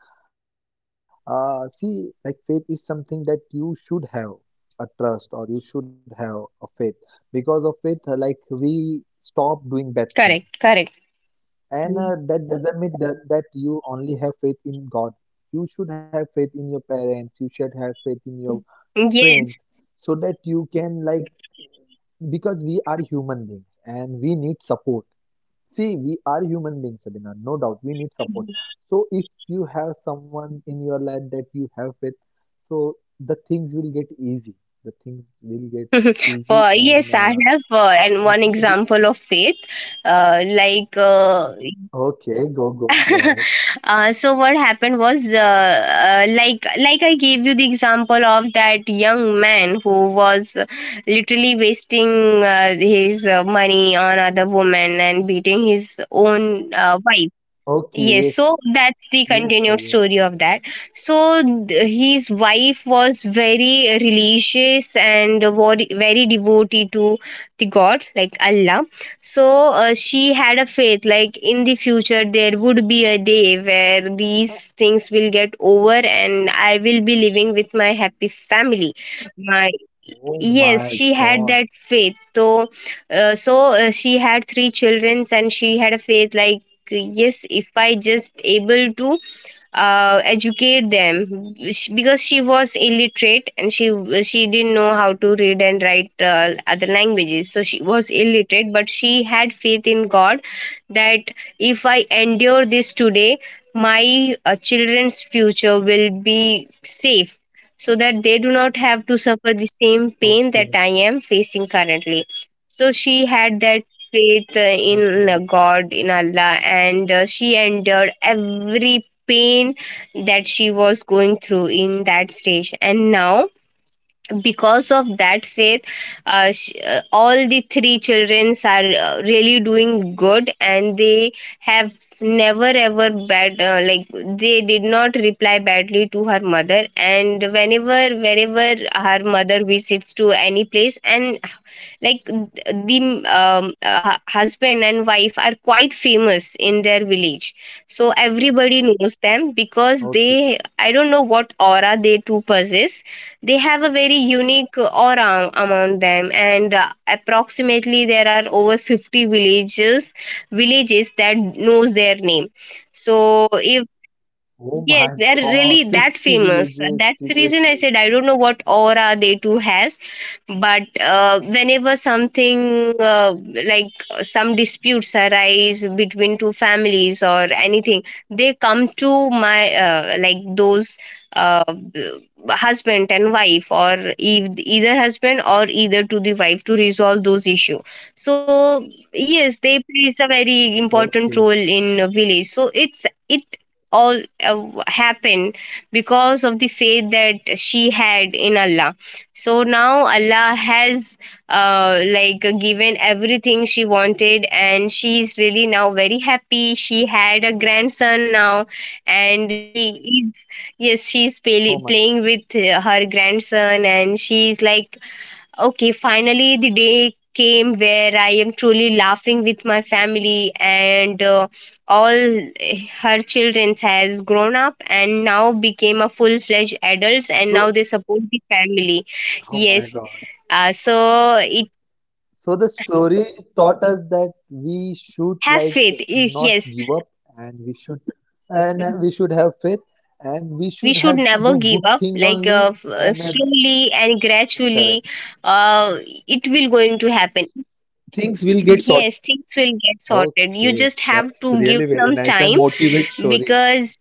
[SPEAKER 2] see, like, faith is something that you should have a trust, or you should have a faith. Because of faith, like, we stop doing bad
[SPEAKER 1] correct,
[SPEAKER 2] things,
[SPEAKER 1] correct.
[SPEAKER 2] and
[SPEAKER 1] Mm.
[SPEAKER 2] that doesn't mean that, you only have faith in god. You should have faith in your parents, you should have faith in your
[SPEAKER 1] Yes.
[SPEAKER 2] friends, so that you can, like, because we are human beings, and we need support. See, we are human beings, Sabina, no doubt we need support. So if you have someone in your life that you have with, so the things will get easy, the things will get easy,
[SPEAKER 1] For
[SPEAKER 2] and
[SPEAKER 1] Yes, I have and one
[SPEAKER 2] uh,
[SPEAKER 1] example of faith, like
[SPEAKER 2] okay, go ahead.
[SPEAKER 1] so what happened was like I gave you the example of that young man who was literally wasting his money on other women and beating his own wife.
[SPEAKER 2] Okay,
[SPEAKER 1] Yes,
[SPEAKER 2] yes.
[SPEAKER 1] so that's the
[SPEAKER 2] Yes bhai,
[SPEAKER 1] continued
[SPEAKER 2] yes
[SPEAKER 1] story
[SPEAKER 2] sir.
[SPEAKER 1] of that. So his wife was very religious and very devotee to the God, like Allah. So she had a faith, like in the future there would be a day where these things will get over and I will be living with my happy family. My,
[SPEAKER 2] Oh
[SPEAKER 1] yes,
[SPEAKER 2] my
[SPEAKER 1] she had
[SPEAKER 2] god.
[SPEAKER 1] that faith. So she had three children and she had a faith like, yes, if I just able to educate them. Because she was illiterate and she didn't know how to read and write other languages, so she was illiterate, but she had faith in god that if I endure this today, my children's future will be safe, so that they do not have to suffer the same pain that
[SPEAKER 2] Okay,
[SPEAKER 1] I am facing currently. So she had that faith in
[SPEAKER 2] okay,
[SPEAKER 1] god, in Allah, and she endured every pain that she was going through in that stage. And now, because of that faith, all the three children are really doing good, and they have never ever bad like, they did not reply badly to her mother. And whenever, wherever her mother visits to any place, and like, the husband and wife are quite famous in their village, so everybody knows them, because
[SPEAKER 2] okay.
[SPEAKER 1] they, I don't know what aura they two possess. They have a very unique aura among them, and approximately there are over 50 villages that knows their name. So if,
[SPEAKER 2] Oh
[SPEAKER 1] yes,
[SPEAKER 2] my
[SPEAKER 1] they're
[SPEAKER 2] god,
[SPEAKER 1] really that
[SPEAKER 2] 50
[SPEAKER 1] famous.
[SPEAKER 2] villages,
[SPEAKER 1] That's the reason I
[SPEAKER 2] seriously?
[SPEAKER 1] said I don't know what aura
[SPEAKER 2] Oh
[SPEAKER 1] they
[SPEAKER 2] my.
[SPEAKER 1] two has, but whenever something some disputes arise between two families or anything, they come to my like those uh, b- husband and wife, or either husband or either to the wife to resolve those issue. So yes, they plays a very
[SPEAKER 2] Okay.
[SPEAKER 1] important role in a village. So it all happened because of the faith that she had in Allah. So now Allah has like given everything she wanted, and she is really now very happy. She had a grandson now, and she is, yes,
[SPEAKER 2] Oh
[SPEAKER 1] she's
[SPEAKER 2] my God.
[SPEAKER 1] playing with her grandson, and she's like, okay, finally, the day came where I am truly laughing with my family. And all her children has grown up and now became a full fledged adults, and
[SPEAKER 2] So,
[SPEAKER 1] now they support the family.
[SPEAKER 2] oh my
[SPEAKER 1] Yes,
[SPEAKER 2] God.
[SPEAKER 1] uh, so
[SPEAKER 2] So,
[SPEAKER 1] it
[SPEAKER 2] the story taught us that we should,
[SPEAKER 1] have
[SPEAKER 2] like,
[SPEAKER 1] faith.
[SPEAKER 2] not
[SPEAKER 1] Yes,
[SPEAKER 2] give up, and we should, and we should have faith, and we
[SPEAKER 1] we
[SPEAKER 2] should
[SPEAKER 1] should
[SPEAKER 2] have to
[SPEAKER 1] never
[SPEAKER 2] do
[SPEAKER 1] give
[SPEAKER 2] good
[SPEAKER 1] up.
[SPEAKER 2] things
[SPEAKER 1] Like
[SPEAKER 2] only, and
[SPEAKER 1] slowly and gradually,
[SPEAKER 2] correct.
[SPEAKER 1] uh, it will going to happen.
[SPEAKER 2] Things will get
[SPEAKER 1] Yes,
[SPEAKER 2] sorted.
[SPEAKER 1] things will get sorted. You
[SPEAKER 2] Okay,
[SPEAKER 1] just have
[SPEAKER 2] that's
[SPEAKER 1] to give
[SPEAKER 2] really very
[SPEAKER 1] some
[SPEAKER 2] nice and
[SPEAKER 1] time,
[SPEAKER 2] motivate story.
[SPEAKER 1] because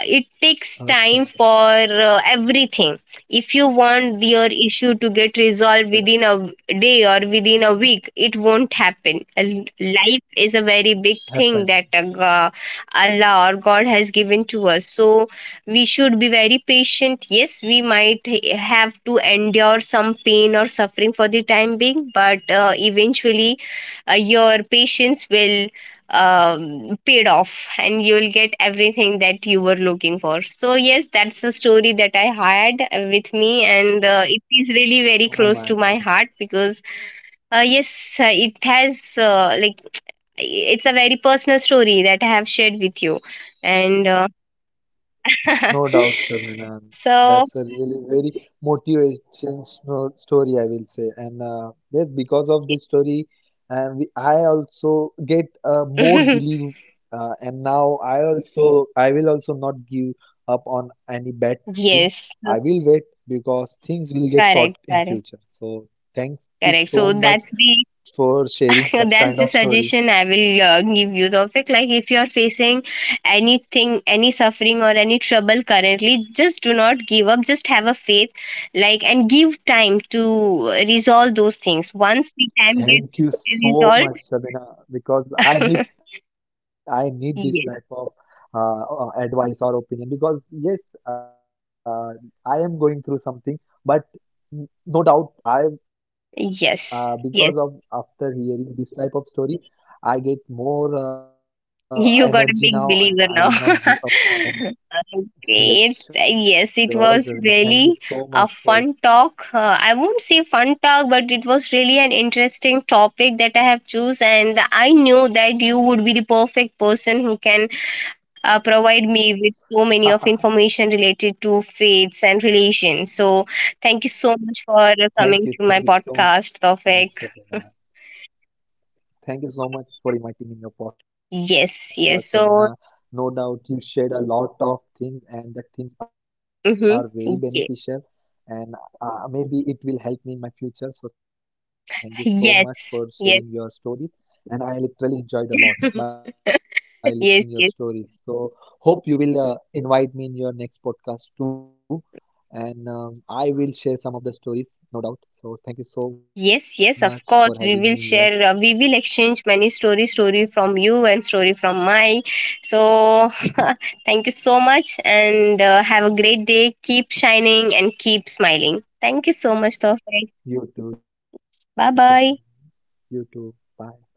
[SPEAKER 1] it takes time
[SPEAKER 2] Okay,
[SPEAKER 1] for everything. If you want your issue to get resolved
[SPEAKER 2] okay.
[SPEAKER 1] within a day or within a week, it won't happen. And life is a very big thing that
[SPEAKER 2] Happen.
[SPEAKER 1] Allah or God has given to us. So we should be very patient. Yes, we might have to endure some pain or suffering for the time being, but eventually your patience will paid off, and you'll get everything that you were looking for. So, yes, that's a story that I had with me, and it is really very
[SPEAKER 2] Oh
[SPEAKER 1] close
[SPEAKER 2] my
[SPEAKER 1] to my
[SPEAKER 2] God.
[SPEAKER 1] heart, because yes, it has like, it's a very personal story that I have shared with you, and
[SPEAKER 2] No doubt, Shabana.
[SPEAKER 1] so
[SPEAKER 2] That's a really very motivation story, I will say. And yes, because of this story, and we, I also get more believe. And now I will also not give up on any bad thing.
[SPEAKER 1] yes,
[SPEAKER 2] I will wait because things will get sort
[SPEAKER 1] correct,
[SPEAKER 2] in
[SPEAKER 1] correct,
[SPEAKER 2] future. So thank you
[SPEAKER 1] correct.
[SPEAKER 2] so
[SPEAKER 1] So,
[SPEAKER 2] much
[SPEAKER 1] that's the
[SPEAKER 2] for sharing such
[SPEAKER 1] that's
[SPEAKER 2] kind
[SPEAKER 1] the
[SPEAKER 2] of story.
[SPEAKER 1] suggestion I will give you, Tawfiq. Like, if you're facing anything, any suffering or any trouble currently, just do not give up. Just have a faith, like, and give time to resolve those things once the time
[SPEAKER 2] Thank you
[SPEAKER 1] gets
[SPEAKER 2] so
[SPEAKER 1] resolved.
[SPEAKER 2] much, Sabina, because I need this
[SPEAKER 1] Yes,
[SPEAKER 2] type of advice or opinion. Because yes, I am going through something, but no doubt I,
[SPEAKER 1] yes, yes.
[SPEAKER 2] because of after hearing this type of story, I get more
[SPEAKER 1] You got a
[SPEAKER 2] energy
[SPEAKER 1] big
[SPEAKER 2] now, and
[SPEAKER 1] believer
[SPEAKER 2] I
[SPEAKER 1] now.
[SPEAKER 2] will not give up on anything.
[SPEAKER 1] Okay. It's,
[SPEAKER 2] Yes,
[SPEAKER 1] yes, it
[SPEAKER 2] sure,
[SPEAKER 1] was
[SPEAKER 2] Sabina. Thank you
[SPEAKER 1] really
[SPEAKER 2] so
[SPEAKER 1] a
[SPEAKER 2] much for.
[SPEAKER 1] fun talk. I won't say fun talk, but it was really an interesting topic that I have choose, and I knew that you would be the perfect person who can provide me with so many of information related to faiths and relations. So, thank you so much for coming to my
[SPEAKER 2] Thank you
[SPEAKER 1] podcast
[SPEAKER 2] so much,
[SPEAKER 1] topic.
[SPEAKER 2] Sabina. Thank you so much for inviting me in your
[SPEAKER 1] Yes,
[SPEAKER 2] podcast,
[SPEAKER 1] yes. So,
[SPEAKER 2] Sabina. No doubt you shared a lot of things, and that things are
[SPEAKER 1] mm-hmm.
[SPEAKER 2] very beneficial. And maybe it will help me in my future. So, thank you so
[SPEAKER 1] Yes,
[SPEAKER 2] much for
[SPEAKER 1] yes.
[SPEAKER 2] sharing your stories. And I literally enjoyed a lot by listening
[SPEAKER 1] Yes,
[SPEAKER 2] your
[SPEAKER 1] yes,
[SPEAKER 2] stories. So, hope you will invite me in your next podcast too. And I will share some of the stories, no doubt. So, thank you
[SPEAKER 1] yes,
[SPEAKER 2] so
[SPEAKER 1] yes, of
[SPEAKER 2] much for
[SPEAKER 1] course. We
[SPEAKER 2] having
[SPEAKER 1] will
[SPEAKER 2] me here.
[SPEAKER 1] share, we will exchange many story from you, and story from my, so thank you so much, and have a great day. Keep shining and keep smiling. Thank you so much, Tawfiq.
[SPEAKER 2] You too,
[SPEAKER 1] Bye
[SPEAKER 2] Shama.
[SPEAKER 1] bye.
[SPEAKER 2] You too. Bye.